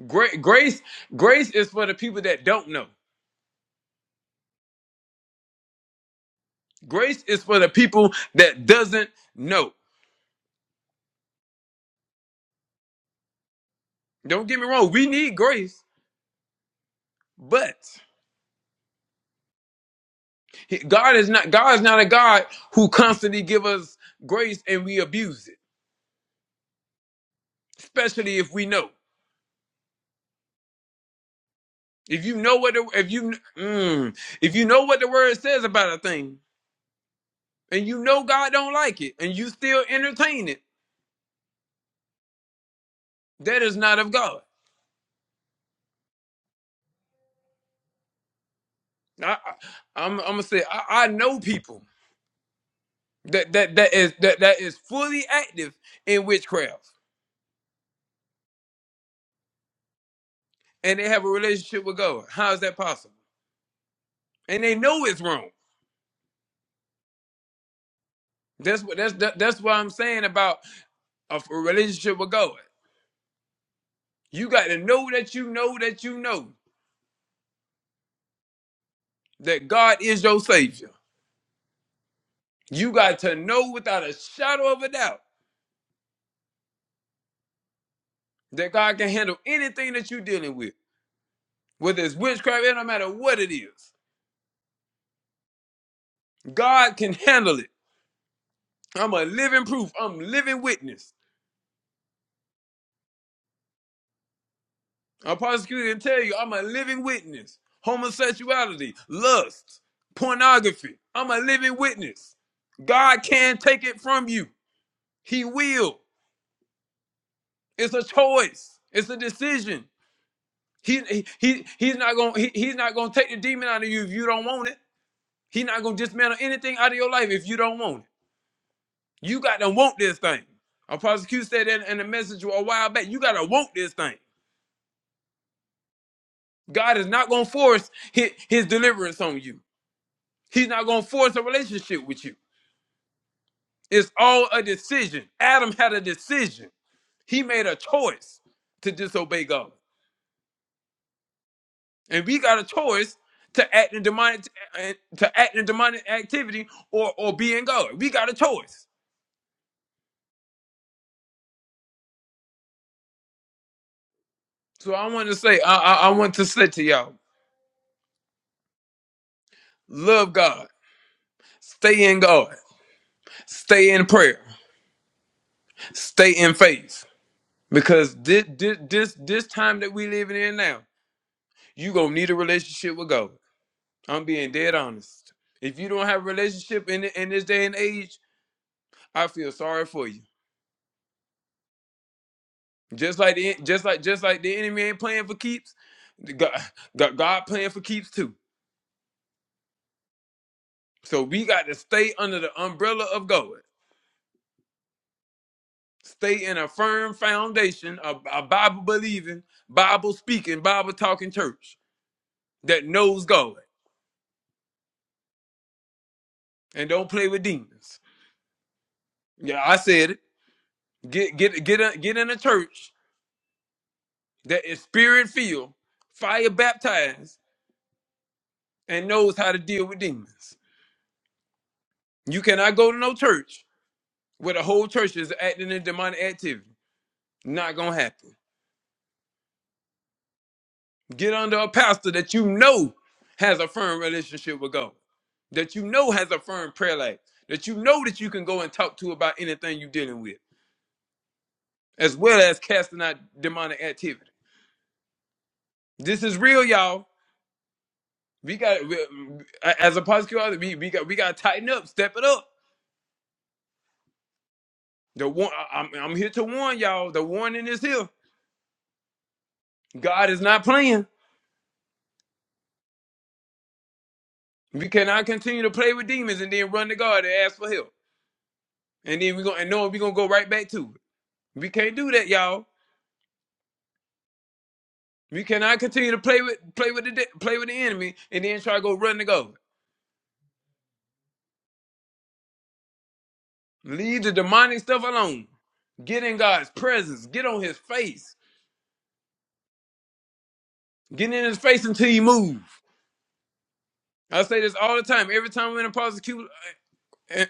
Speaker 2: Gra- grace grace is for the people that don't know grace is for the people that doesn't know don't get me wrong we need grace but he- god is not god is not a god who constantly give us grace and we abuse it especially if we know if you know what the, if you mm, if you know what the word says about a thing and you know god don't like it and you still entertain it that is not of god I, I, I'm, I'm gonna say I, I know people that that that is that that is fully active in witchcraft, and they have a relationship with God. How is that possible? And they know it's wrong. That's what that's that, that's what I'm saying about a, f- a relationship with God. You got to know that you know that you know that God is your savior. You got to know without a shadow of a doubt that God can handle anything that you're dealing with, whether it's witchcraft, it don't matter what it is. God can handle it. I'm a living proof. I'm living witness. I'm prosecuted and tell you I'm a living witness. Homosexuality, lust, pornography. I'm a living witness. God can take it from you. He will. It's a choice. It's a decision. He, he, he- he's not gonna he- he's not gonna take the demon out of you if you don't want it. He's not gonna dismantle anything out of your life if you don't want it. You gotta want this thing. A prosecutor said that in a message a while back. You gotta want this thing. God is not gonna force his, his deliverance on you. He's not going to force a relationship with you. It's all a decision. Adam had a decision. He made a choice to disobey God, and we got a choice to act in demonic to act in demonic activity or or be in God. We got a choice. So I want to say, I, I, I want to say to y'all, love God, stay in God, stay in prayer, stay in faith, because this this this, this time that we living in now, you gonna need a relationship with God. I'm being dead honest. If you don't have a relationship in in this day and age, I feel sorry for you. Just like the just like just like the enemy ain't playing for keeps, the God, God God playing for keeps too. So we got to stay under the umbrella of God. Stay in a firm foundation, a, a Bible believing, Bible speaking, Bible talking church that knows God and don't play with demons. Yeah, I said it. Get get get a, get in a church that is spirit filled, fire baptized, and knows how to deal with demons. You cannot go to no church where the whole church is acting in demonic activity. Not gonna happen. Get under a pastor that you know has a firm relationship with God, that you know has a firm prayer life, that you know that you can go and talk to about anything you're dealing with, as well as casting out demonic activity. This is real, y'all. We got we, as a prosecutor, we, we got we got to tighten up, step it up. The one I'm, I'm here to warn y'all. The warning is here. God is not playing. We cannot continue to play with demons and then run to God and ask for help. And then we're gonna and knowing we're gonna go right back to it. We can't do that, y'all. We cannot continue to play with play with the de- play with the enemy and then try to go run to God. Leave the demonic stuff alone. Get in God's presence. Get on his face. Get in his face until he move. I say this all the time. Every time we're in a prosecute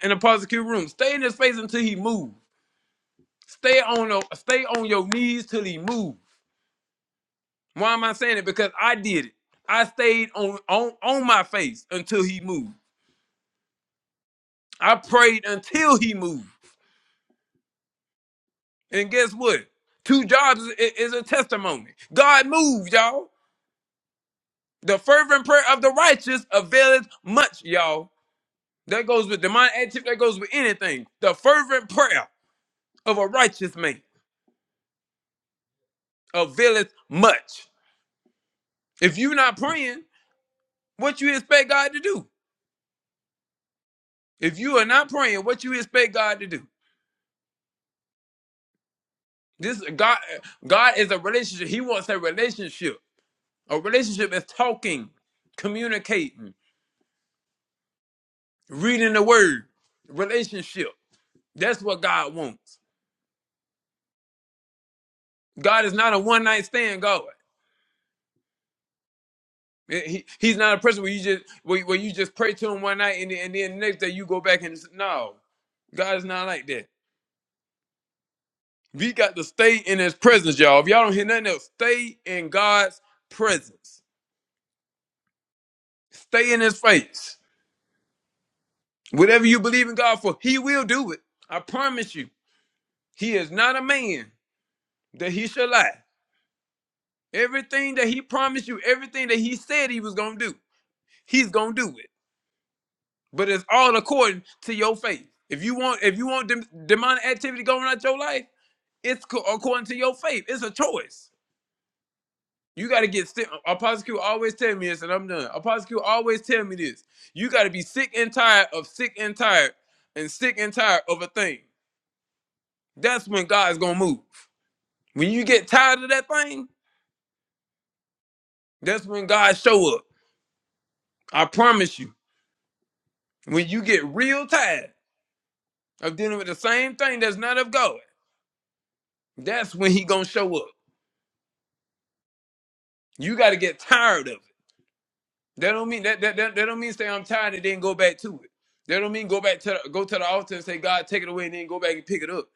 Speaker 2: in a prosecute room, stay in his face until he move. Stay on your, stay on your knees till he move. Why am I saying it? Because I did it. I stayed on on on my face until he moved. I prayed until he moved. And guess what? Two jobs is, is a testimony. God moved, y'all. The fervent prayer of the righteous availeth much, y'all. That goes with demonic activity. That goes with anything. The fervent prayer of a righteous man availeth much. If you're not praying, what you expect God to do? If you are not praying, what you expect God to do? This God God is a relationship. He wants a relationship. A relationship is talking, communicating, reading the word. Relationship. That's what God wants. God is not a one night stand God. He, he's not a person where you just where, where you just pray to him one night and, then- and then the next day you go back and no. God is not like that. We got to stay in his presence, y'all. If y'all don't hear nothing else, stay in God's presence. Stay in his face. Whatever you believe in God for, He will do it. I promise you. He is not a man that He should lie. Everything that He promised you, everything that He said He was gonna do, He's gonna do it. But it's all according to your faith. If you want, if you want dem- demonic activity going out your life, it's co- according to your faith. It's a choice. You got to get sick. A prosecutor always tell me this, and I'm done. A prosecutor always tell me this. You got to be sick and tired of sick and tired and sick and tired of a thing. That's when God's gonna move. When you get tired of that thing, that's when God show up. I promise you. When you get real tired of dealing with the same thing that's not of God, that's when He gonna show up. You got to get tired of it. That don't mean that that, that that don't mean say I'm tired and then go back to it. That don't mean go back to the, go to the altar and say God take it away and then go back and pick it up.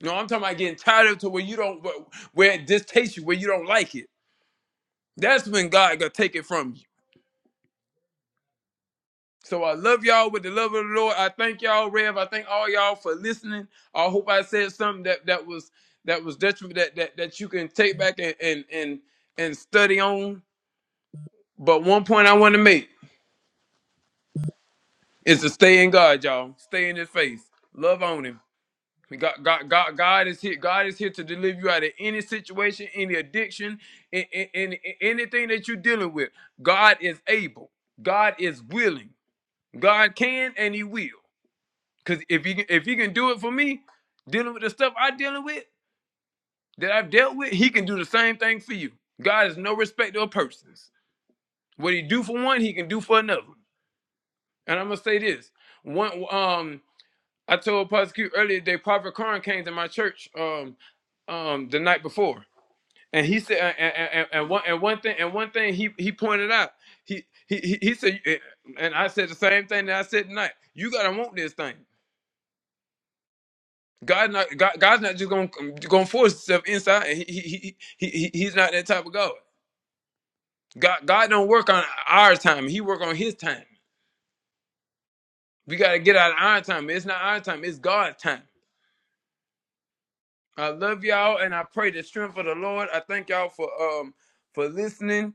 Speaker 2: No, I'm talking about getting tired of it to where you don't where where it distaste you, where you don't like it. That's when God gonna take it from you. So I love y'all with the love of the Lord. I thank y'all, Rev. I thank all y'all for listening. I hope I said something that that was that was detriment that that, that you can take back and and and and study on. But one point I want to make is to stay in God, y'all. Stay in His face. Love on Him. God God, God, God is here. God is here to deliver you out of any situation, any addiction, in, in, in- anything that you're dealing with. God is able. God is willing. God can and He will. Cause if he if he can do it for me, dealing with the stuff I dealing with that I've dealt with, he can do the same thing for you. God is no respecter of persons. What he do for one, he can do for another. And I'm gonna say this: one, um, I told Pastor earlier today. Prophet Karn came to my church, um, um, the night before, and he said, and, and, and and one and one thing, and one thing he he pointed out. He he he he said, and I said the same thing that I said tonight. You gotta want this thing. God not God, God's not just gonna gonna force himself inside. He, he, he, he, he's not that type of God. God God don't work on our time. He work on His time. We gotta get out of our time. It's not our time. It's God's time. I love y'all, and I pray the strength of the Lord. I thank y'all for um for listening.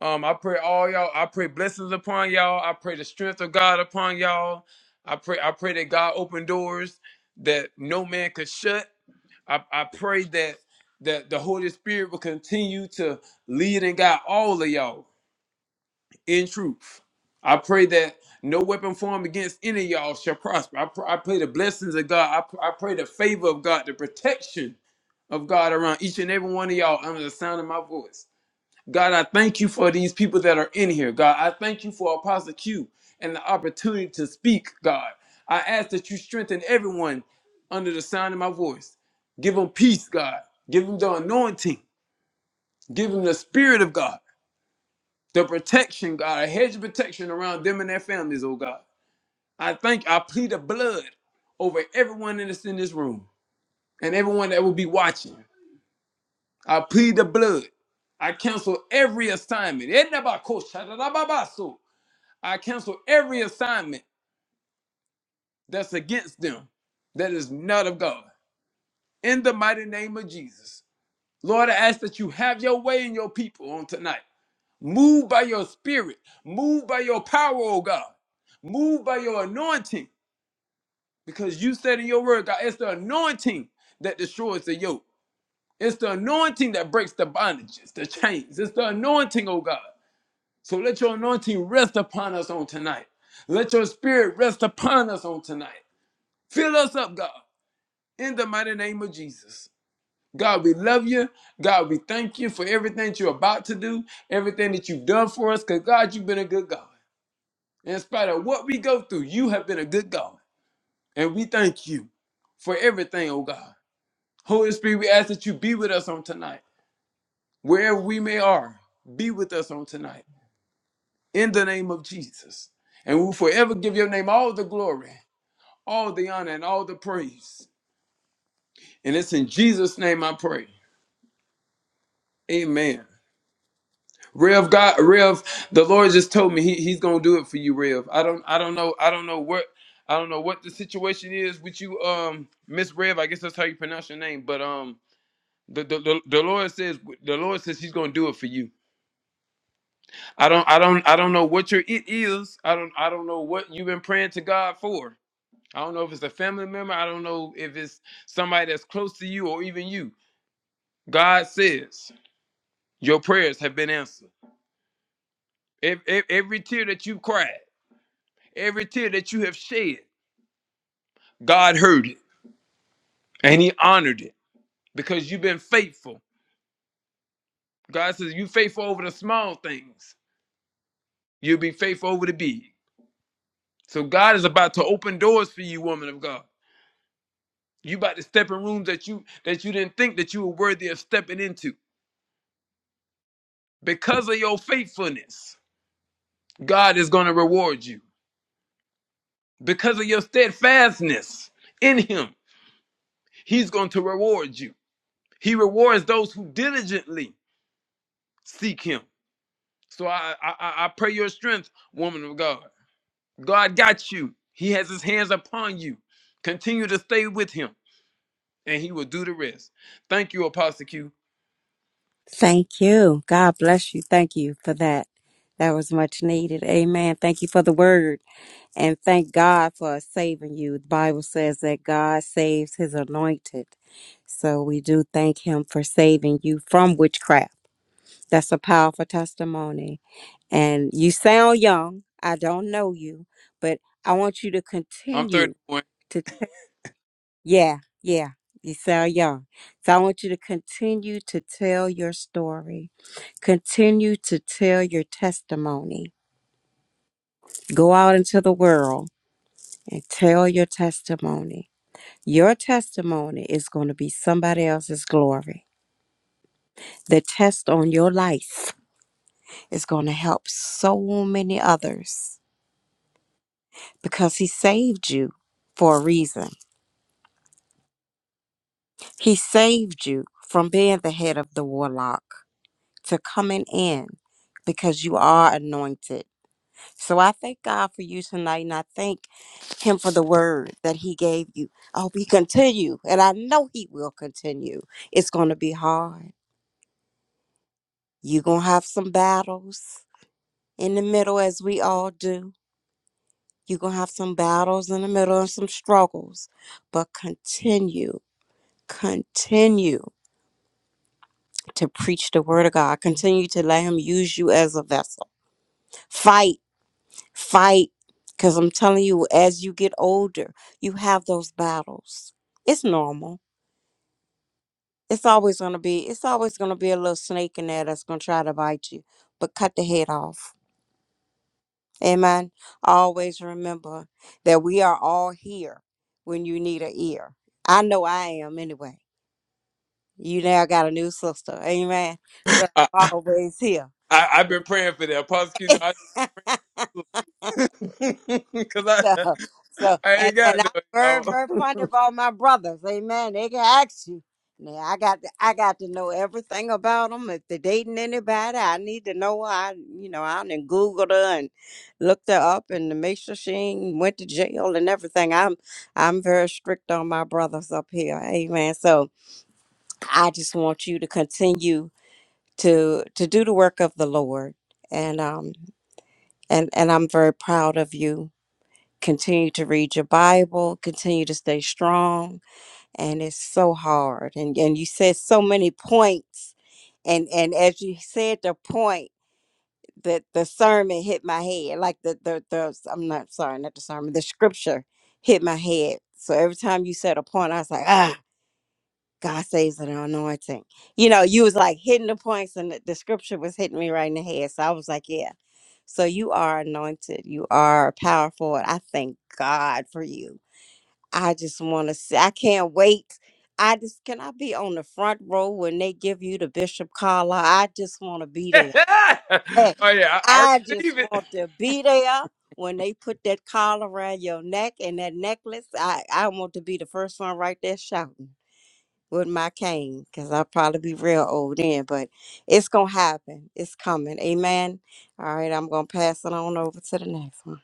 Speaker 2: Um, I pray all y'all. I pray blessings upon y'all. I pray the strength of God upon y'all. I pray I pray that God open doors that no man could shut. I, I pray that that the Holy Spirit will continue to lead and guide all of y'all in truth. I pray that no weapon formed against any of y'all shall prosper. I, pr- I pray the blessings of God. I, pr- I pray the favor of God, the protection of God around each and every one of y'all under the sound of my voice. God, I thank you for these people that are in here. God, I thank you for Apostle Q and the opportunity to speak, God. I ask that you strengthen everyone under the sound of my voice. Give them peace, God. Give them the anointing. Give them the spirit of God, the protection, God, a hedge of protection around them and their families, oh God. I thank, I plead the blood over everyone in this, in this room and everyone that will be watching. I plead the blood. I cancel every assignment. I cancel every assignment that's against them that is not of God. In the mighty name of Jesus. Lord, I ask that you have your way in your people on tonight. Move by your spirit, move by your power, oh God. Move by your anointing because you said in your word, God, it's the anointing that destroys the yoke. It's the anointing that breaks the bondages, the chains. It's the anointing, oh God. So let your anointing rest upon us on tonight. Let your spirit rest upon us on tonight. Fill us up, God, in the mighty name of Jesus. God, we love you. God, we thank you for everything that you're about to do, everything that you've done for us, because God, you've been a good God. In spite of what we go through, you have been a good God. And we thank you for everything, oh God. Holy Spirit, we ask that you be with us on tonight. Wherever we may are, be with us on tonight. In the name of Jesus. And we'll forever give your name all the glory, all the honor, and all the praise. And it's in Jesus' name I pray. Amen. Rev God Rev, the Lord just told me he, he's gonna do it for you, Rev. I don't I don't know I don't know what I don't know what the situation is with you, um, Miss Rev. I guess that's how you pronounce your name, but um the, the, the, the Lord says the Lord says he's gonna do it for you. I don't I don't I don't know what your it is. I don't I don't know what you've been praying to God for. I don't know if it's a family member, I don't know if it's somebody that's close to you or even you. God says your prayers have been answered. Every, every tear that you cried. Every tear that you have shed, God heard it and he honored it because you've been faithful. God says, You faithful over the small things, you'll be faithful over the big. So God is about to open doors for you, woman of God. You about to step in rooms that you that you didn't think that you were worthy of stepping into. Because of your faithfulness, God is going to reward you. Because of your steadfastness in him, he's going to reward you. He rewards those who diligently seek him. So I, I I pray your strength, woman of God. God got you. He has his hands upon you. Continue to stay with him, and he will do the rest. Thank you, Apostle Q.
Speaker 3: Thank you. God bless you. Thank you for that. That was much needed. Amen. Thank you for the word. And thank God for saving you. The Bible says that God saves his anointed. So we do thank him for saving you from witchcraft. That's a powerful testimony. And you sound young. I don't know you, but I want you to
Speaker 2: I'm
Speaker 3: continue
Speaker 2: 31.
Speaker 3: to tell. Yeah, yeah. You sound young. So I want you to continue to tell your story. Continue to tell your testimony. Go out into the world and tell your testimony. Your testimony is going to be somebody else's glory. The test on your life is going to help so many others because He saved you for a reason. He saved you from being the head of the warlock to coming in because you are anointed. So I thank God for you tonight and I thank Him for the word that He gave you. I hope He continue and I know He will continue. It's going to be hard You're going to have some battles in the middle, as we all do. You're going to have some battles in the middle and some struggles, but continue, continue to preach the word of God. Continue to let Him use you as a vessel. Fight, fight, because I'm telling you, as you get older, you have those battles. It's normal. It's always going to be, it's always going to be a little snake in there that's going to try to bite you, but cut the head off Amen. Always remember that we are all here when you need an ear. I know I am anyway. You now got a new sister. Amen.
Speaker 2: (laughs)
Speaker 3: But
Speaker 2: I,
Speaker 3: I'm
Speaker 2: I
Speaker 3: always here.
Speaker 2: I've been praying for that. Apostle Q, no, I
Speaker 3: (laughs)
Speaker 2: (laughs) Cause I
Speaker 3: (laughs) So, so,
Speaker 2: I
Speaker 3: and
Speaker 2: ain't
Speaker 3: and
Speaker 2: got no
Speaker 3: I'm
Speaker 2: (laughs)
Speaker 3: very, very funny about my brothers. Amen. They can ask you. Now, I got to, I got to know everything about them. If they're dating anybody, I need to know. I, you know, I done Googled her and looked her up and to make sure she ain't went to jail and everything. I'm, I'm very strict on my brothers up here. Amen. So I just want you to continue to to do the work of the Lord, and um, and and I'm very proud of you continue to read your Bible, continue to stay strong. And it's so hard. And and you said so many points. And and as you said the point, that the sermon hit my head. Like the the the I'm not sorry, not the sermon, the scripture hit my head. So every time you said a point, I was like, ah, God saves an anointing. You know, you was like hitting the points and the, the scripture was hitting me right in the head. So I was like, yeah. So you are anointed. You are powerful. And I thank God for you I just want to say, I can't wait. I just can I be on the front row when they give you the bishop collar. I just want to be there. Hey,
Speaker 2: oh yeah, I, I
Speaker 3: I just
Speaker 2: receive it.
Speaker 3: want to be there when they put that collar around your neck and that necklace. I I want to be the first one right there shouting with my cane because I'll probably be real old then. But it's gonna happen. It's coming. Amen. All right, I'm gonna pass it on over to the next one.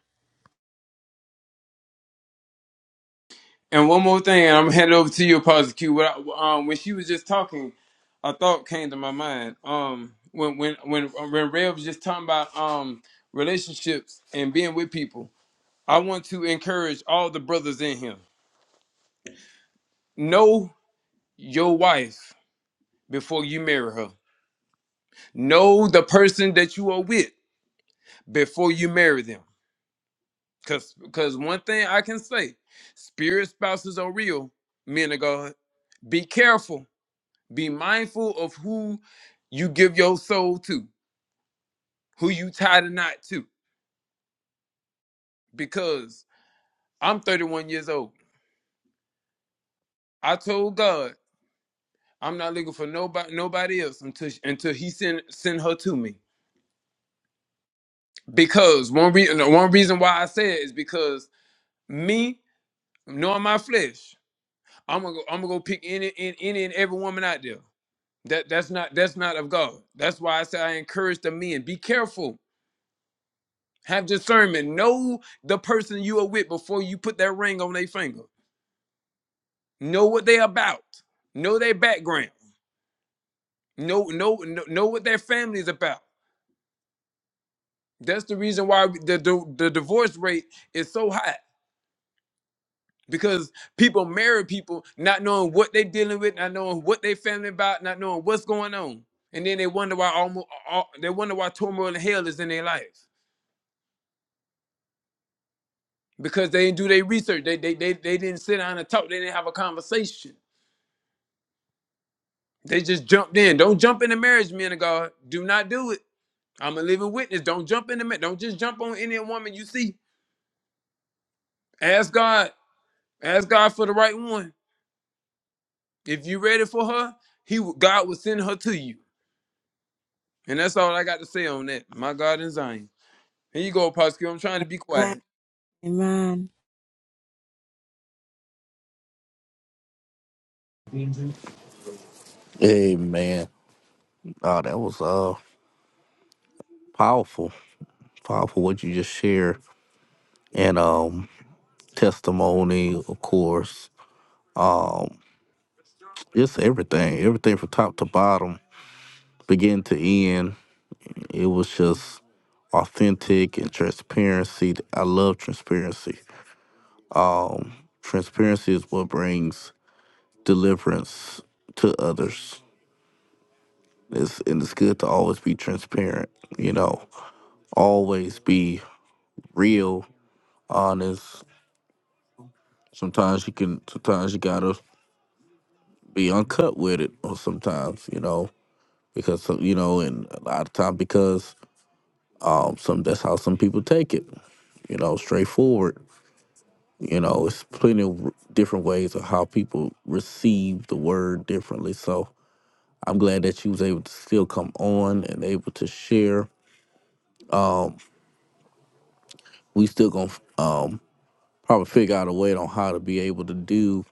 Speaker 2: And one more thing, and I'm gonna hand it over to you, Apostle Q. What I, um, when she was just talking, a thought came to my mind. Um, when when when when Ray was just talking about um relationships and being with people, I want to encourage all the brothers in here. Know your wife before you marry her. Know the person that you are with before you marry them. Cause cause one thing I can say, spirit spouses are real, men of God. Be careful Be mindful of who you give your soul to, who you tie the knot to. Because I'm 31 years old. I told God I'm not looking for nobody nobody else until until He send send her to me. Because one reason one reason why I say it is because me knowing my flesh, I'm gonna go, I'm gonna go pick any, any any and every woman out there. That that's not that's not of God. That's why I say I encourage the men. Be careful Have discernment. Know the person you are with before you put that ring on their finger. Know what they about. Know their background. Know know know know what their family is about. That's the reason why the, the the divorce rate is so high because people marry people not knowing what they're dealing with, not knowing what their family about, not knowing what's going on, and then they wonder why almost all, they wonder why turmoil and hell is in their life because they didn't do their research. They they they, they didn't sit down and talk. They didn't have a conversation. They just jumped in. Don't jump into marriage, men of God. Do not do it. I'm a living witness. Don't jump into marriage. Don't just jump on any woman you see. Ask God. Ask God for the right one. If you ready for her, He will- God will send her to you. And that's all I got to say on that. My God in Zion. Here you go, Pastor. I'm trying to be quiet.
Speaker 3: Amen.
Speaker 4: Hey man, uh, that was uh powerful, powerful what you just shared, and um testimony, of course, just everything, everything from top to bottom, beginning to end. It was just authentic and transparency. I love transparency. Transparency is what brings deliverance to others. It's, and it's good to always be transparent. You know, always be real, honest, Sometimes you can, sometimes you gotta be uncut with it, or sometimes you know because some- you know, and a lot of time because um, some that's how some people take it. You know, straightforward. You know, it's plenty of r- different ways of how people receive the word differently. So I'm glad that you was able to still come on and able to share. We still gonna uh, probably figure out a way on how to be able to do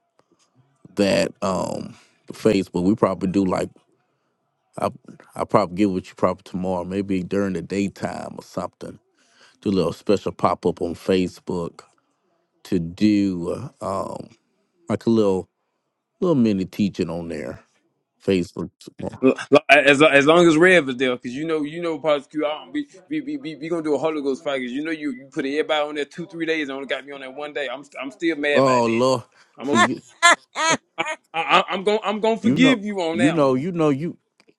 Speaker 4: that um, Facebook. We probably do like I I'll probably get with you probably tomorrow, maybe during the daytime or something. Do a little special pop up on Facebook to do uh, um like a little little mini teaching on there. Facebook. tomorrow.
Speaker 2: L- l- As, as long as Rev is there, because you know, you know, Pastor Q, I don't be, be, be, be, we gonna do a Holy Ghost fire. 'cause you know, you, you put everybody on there two, three days. and only got me on there one day. I'm, I'm still mad about
Speaker 4: Oh Lord,
Speaker 2: that.
Speaker 4: see you
Speaker 3: (laughs)
Speaker 2: I, I, I'm going I'm gonna
Speaker 4: you know
Speaker 2: forgive you on
Speaker 4: you
Speaker 2: that
Speaker 4: know
Speaker 2: one.
Speaker 4: you know you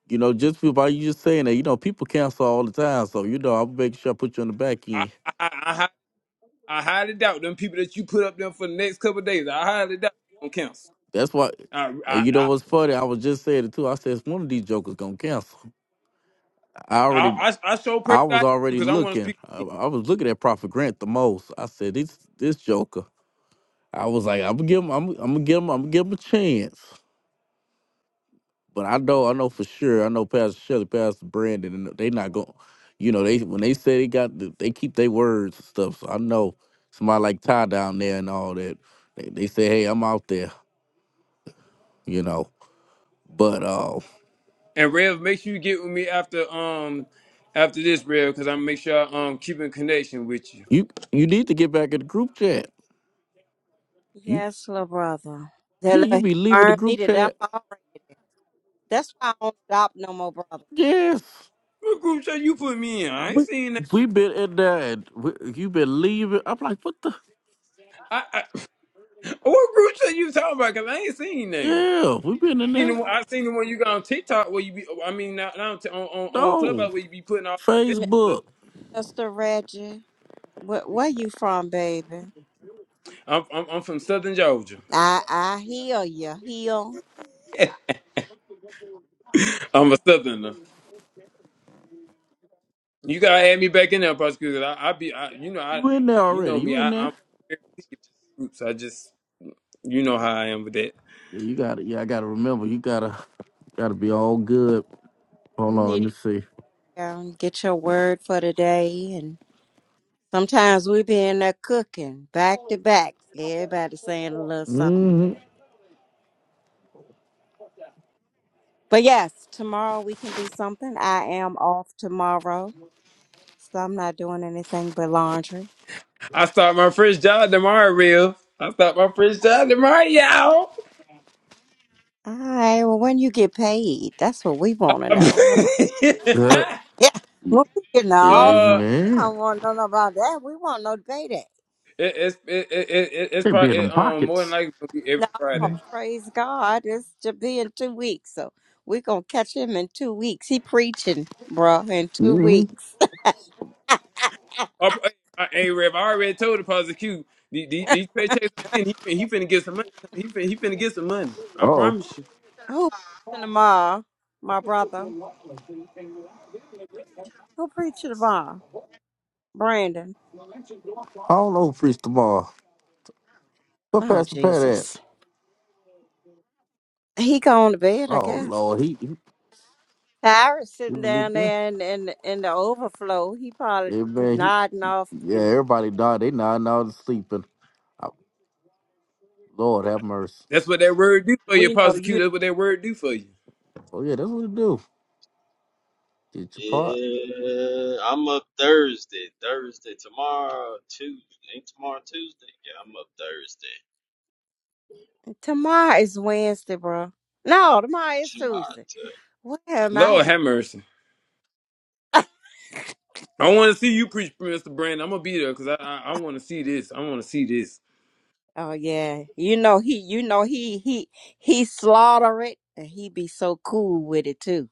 Speaker 4: you know just by you just saying that you know people cancel all the time, so you know I'm making sure I put you on the back
Speaker 2: I
Speaker 4: end.
Speaker 2: I, I, I, hi- I highly doubt them people that you put up there for the next couple of days. I highly doubt on cancel.
Speaker 4: That's why.
Speaker 2: I
Speaker 4: And
Speaker 2: I
Speaker 4: you know
Speaker 2: I
Speaker 4: what's funny? I was just saying it too. I said one of these jokers gonna cancel. I
Speaker 2: I,
Speaker 4: already
Speaker 2: I, I so pray
Speaker 4: I
Speaker 2: to
Speaker 4: was
Speaker 2: God
Speaker 4: already
Speaker 2: because I want to
Speaker 4: looking.
Speaker 2: speak.
Speaker 4: I, I was looking at Prophet Grant the most. I said, "This this Joker." I was like, "I'm gonna give him. I'm, I'm gonna give him. I'm gonna give him a chance." But I know, I know for sure. I know Pastor Shelley, Pastor Brandon, and they not going. to You know, they when they say they got, the, they keep their words and stuff. So I know somebody like Ty down there and all that. They, they say, "Hey, I'm out there." You know, but uh,
Speaker 2: And Rev, make sure you get with me after um after this Rev because I make sure I um keep in connection with you.
Speaker 4: you you need to get back in the group chat. You
Speaker 3: Yes, little brother. That
Speaker 4: yeah, you
Speaker 3: little, he
Speaker 4: be leaving the
Speaker 3: burned me
Speaker 4: group
Speaker 3: to death
Speaker 4: chat.
Speaker 3: already. That's why I don't adopt no more, brother.
Speaker 4: Yes.
Speaker 2: What group chat you put me in? I ain't
Speaker 4: we
Speaker 2: seen that.
Speaker 4: we been in there and we, you been leaving. I'm like, what the?
Speaker 2: I, I (clears throat) what group chat you talking about? Cause I ain't seen them.
Speaker 4: Yeah, we been in
Speaker 2: Seen
Speaker 4: there.
Speaker 2: the one, I seen the one you got on TikTok where you be. I mean, now, now on on on
Speaker 4: No,
Speaker 2: Clubhouse where you be putting all. the
Speaker 3: M-
Speaker 2: events.
Speaker 4: Facebook.
Speaker 3: Mr. Reggie, where, where you from, baby?
Speaker 2: I'm, I'm I'm from Southern Georgia.
Speaker 3: I I heal you. Heal.
Speaker 2: (laughs) I'm a Southerner. You gotta add me back in there, prosecutor. I, I be, I, you know, I,
Speaker 4: You in there
Speaker 2: you know
Speaker 4: already? You
Speaker 2: me. I,
Speaker 4: in there?
Speaker 2: I'm very roots. I just, you know how I am with that.
Speaker 4: Yeah, you got to Yeah, I gotta remember. You gotta gotta be all good.
Speaker 3: You
Speaker 4: Hold on, let
Speaker 3: need
Speaker 4: me see.
Speaker 3: to um, get your word for the day. And sometimes we be in there cooking back to back. Everybody saying a little something.
Speaker 4: Mm-hmm.
Speaker 3: But yes, tomorrow we can do something. I am off tomorrow, so I'm not doing anything but laundry.
Speaker 2: I start my first job tomorrow, real. I start my first job tomorrow, y'all.
Speaker 3: All right. Well, when you get paid, that's what we want to
Speaker 2: (laughs) uh,
Speaker 3: know. Well, (laughs)
Speaker 4: Yeah,
Speaker 3: Yeah. When we get an
Speaker 4: yeah,
Speaker 3: offering, I
Speaker 4: man.
Speaker 3: don't want to know about that. We want no payday.
Speaker 2: it, it's it, it, it, it's
Speaker 4: They be in
Speaker 2: probably it,
Speaker 4: them
Speaker 2: um more than
Speaker 4: pockets.
Speaker 2: likely gonna be every
Speaker 3: No,
Speaker 2: Friday.
Speaker 3: praise God. It's to be in two weeks. So we're going to catch him in two weeks. He preaching, bruh, in two
Speaker 4: Mm-hmm.
Speaker 3: weeks. (laughs)
Speaker 2: Oh, I, hey, Rev, I already told the prosecutor these, these these paychecks. I'm getting, He, fin- he finna get some money. He finna, he finna get some money. I
Speaker 4: Oh,
Speaker 2: promise you.
Speaker 3: Who preaching tomorrow? My brother. Who preaching tomorrow? Brandon.
Speaker 4: I don't know, Priest tomorrow. Where
Speaker 3: Oh,
Speaker 4: Pastor Pat at?
Speaker 3: Jesus. He going to bed, I
Speaker 4: Oh
Speaker 3: guess.
Speaker 4: Lord, he he,
Speaker 3: Cyrus
Speaker 4: he
Speaker 3: sitting
Speaker 4: been
Speaker 3: down
Speaker 4: there.
Speaker 3: there in, in, in the overflow. He probably
Speaker 4: Yeah, man. He,
Speaker 3: nodding off.
Speaker 4: yeah,
Speaker 3: too.
Speaker 4: everybody died. They nodding out and sleeping. Lord have mercy.
Speaker 2: That's what that word do for you,
Speaker 3: We know you
Speaker 2: prosecutor.
Speaker 3: don't
Speaker 2: That's what that word
Speaker 3: sleep.
Speaker 2: do for you.
Speaker 4: Oh yeah, that's what it do. Get your part.
Speaker 5: Yeah, I'm up Thursday. Thursday tomorrow, Tuesday. Ain't tomorrow Tuesday? Yeah, I'm up Thursday.
Speaker 3: Tomorrow is Wednesday, bro. No, tomorrow is
Speaker 5: Tomorrow,
Speaker 3: Tuesday. Where am I?
Speaker 2: Lord have mercy. I want to see you preach, Mr. Brandon. I'm gonna be there because I I, I want to see this. I want to see this.
Speaker 3: Oh yeah, you know he, you know he, he, he slaughter it, and he be so cool with it too.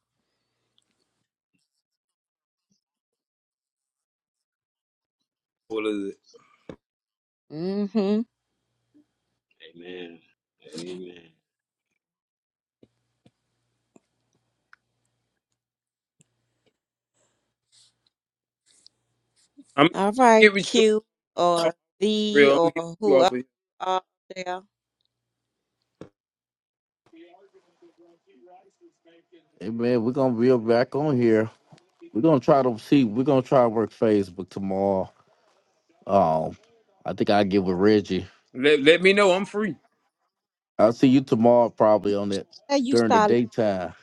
Speaker 2: What is it?
Speaker 3: Mm-hmm.
Speaker 5: Tuesday. Amen. Amen.
Speaker 2: I'm gonna
Speaker 3: All
Speaker 2: get
Speaker 3: right,
Speaker 2: with you
Speaker 3: Q
Speaker 2: off
Speaker 3: or V
Speaker 2: real. I'm gonna get with
Speaker 3: or
Speaker 2: you
Speaker 3: who
Speaker 2: off
Speaker 3: up
Speaker 2: of here.
Speaker 3: uh, there.
Speaker 4: Hey man, we're gonna be back on here. We're gonna try to see. We're gonna try to work Facebook tomorrow. Um, I think I give with Reggie.
Speaker 2: Let let me know. I'm free.
Speaker 4: I'll see you tomorrow probably on it
Speaker 3: Yeah, you
Speaker 4: during the
Speaker 3: started.
Speaker 4: daytime.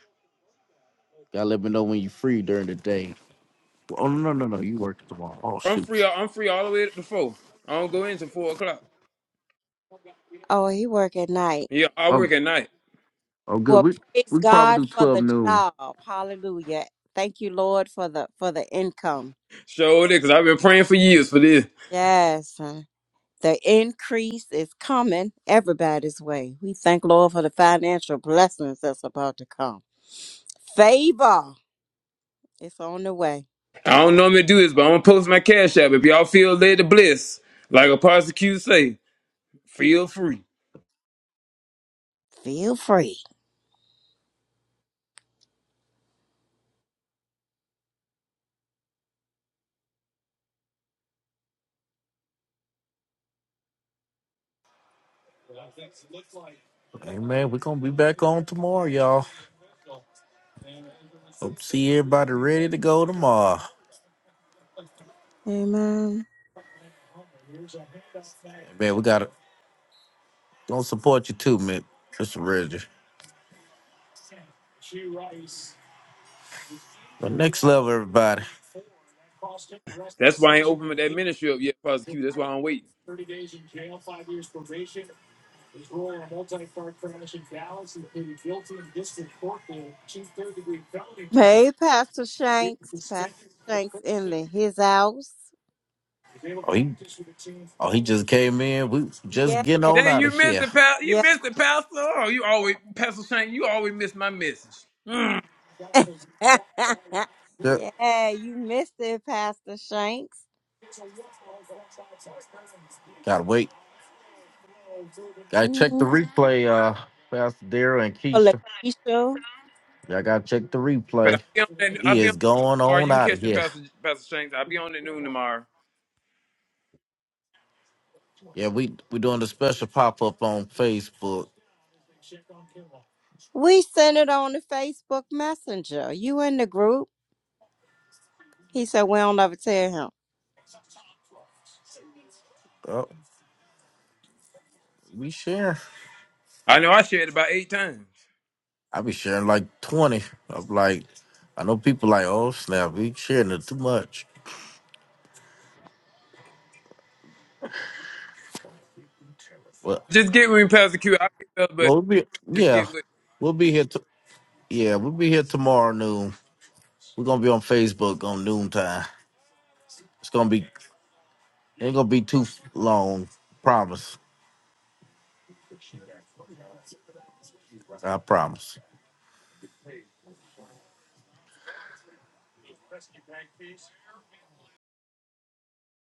Speaker 4: Gotta let me know when you're free during the day. Oh no no no, no, you work tomorrow. Oh
Speaker 2: I'm free.
Speaker 4: shoot.
Speaker 2: I'm free all the way up to four. I don't go into four o'clock.
Speaker 3: Oh, he work at night.
Speaker 2: Yeah, I
Speaker 4: Oh
Speaker 2: work at night.
Speaker 4: oh good.
Speaker 3: Well,
Speaker 4: We
Speaker 3: praise
Speaker 4: we can probably
Speaker 3: God
Speaker 4: do
Speaker 3: for
Speaker 4: twelve
Speaker 3: the
Speaker 4: noon.
Speaker 3: job. Hallelujah. Thank you, Lord, for the for the income.
Speaker 2: Show it because I've been praying for years for this.
Speaker 3: Yes. uh, The increase is coming everybody's way. We thank Lord for the financial blessings that's about to come. Favor is on the way.
Speaker 2: I don't normally do this, but I'm gonna post my cash app. If y'all feel led to bless, like a prosecutor say, feel free.
Speaker 3: Feel free.
Speaker 4: Hey man, we're gonna be back on tomorrow, y'all. Hope to see everybody ready to go tomorrow.
Speaker 3: Amen.
Speaker 4: Man, we got Gonna support you too, Mick. Mr. Reggie. But next level, everybody.
Speaker 2: That's why I ain't opened that ministry up yet, Pastor Q. That's why I'm waiting.
Speaker 3: Hey, Pastor Shanks. Pastor Shanks in the, his house.
Speaker 4: Oh, he oh he just came in. We just
Speaker 3: Yeah.
Speaker 4: getting on
Speaker 2: Dang,
Speaker 4: out
Speaker 2: you
Speaker 4: of
Speaker 2: missed
Speaker 4: here.
Speaker 2: it, pal. You
Speaker 3: Yeah.
Speaker 2: missed it, Pastor. Oh, you always, Pastor Shane. You always miss my message. Mm.
Speaker 3: (laughs)
Speaker 4: Yep.
Speaker 3: yeah, you missed it, Pastor Shanks.
Speaker 4: Gotta wait. Gotta check
Speaker 3: Mm-hmm.
Speaker 4: the replay, uh, Pastor Daryl and Keisha.
Speaker 3: Lakeisha.
Speaker 4: Y'all gotta check the
Speaker 2: But I'll
Speaker 4: replay.
Speaker 2: be on that. I'll
Speaker 4: He
Speaker 2: be on
Speaker 4: is going
Speaker 2: tomorrow.
Speaker 4: on
Speaker 2: You can
Speaker 4: out of
Speaker 2: catch me,
Speaker 4: here.
Speaker 2: Pastor Pastor Shane. I'll be on at noon tomorrow.
Speaker 4: Yeah, we we doing the special pop up on Facebook.
Speaker 3: We sent it on the Facebook Messenger. You in the group? He said we don't ever tell him.
Speaker 4: Oh, we sharing.
Speaker 2: I know I shared about eight times.
Speaker 4: I be sharing like twenty. I'm like, I know people like, oh snap, we sharing it too much. but.
Speaker 2: Just get with me, Pastor Q. I'll pick up, but
Speaker 4: Well, we'll be
Speaker 2: just
Speaker 4: yeah,
Speaker 2: get with. me.
Speaker 4: we'll be here. To, yeah, we'll be here tomorrow noon. We're gonna be on Facebook on noon time. It's gonna be ain't gonna be too long. Promise. I promise.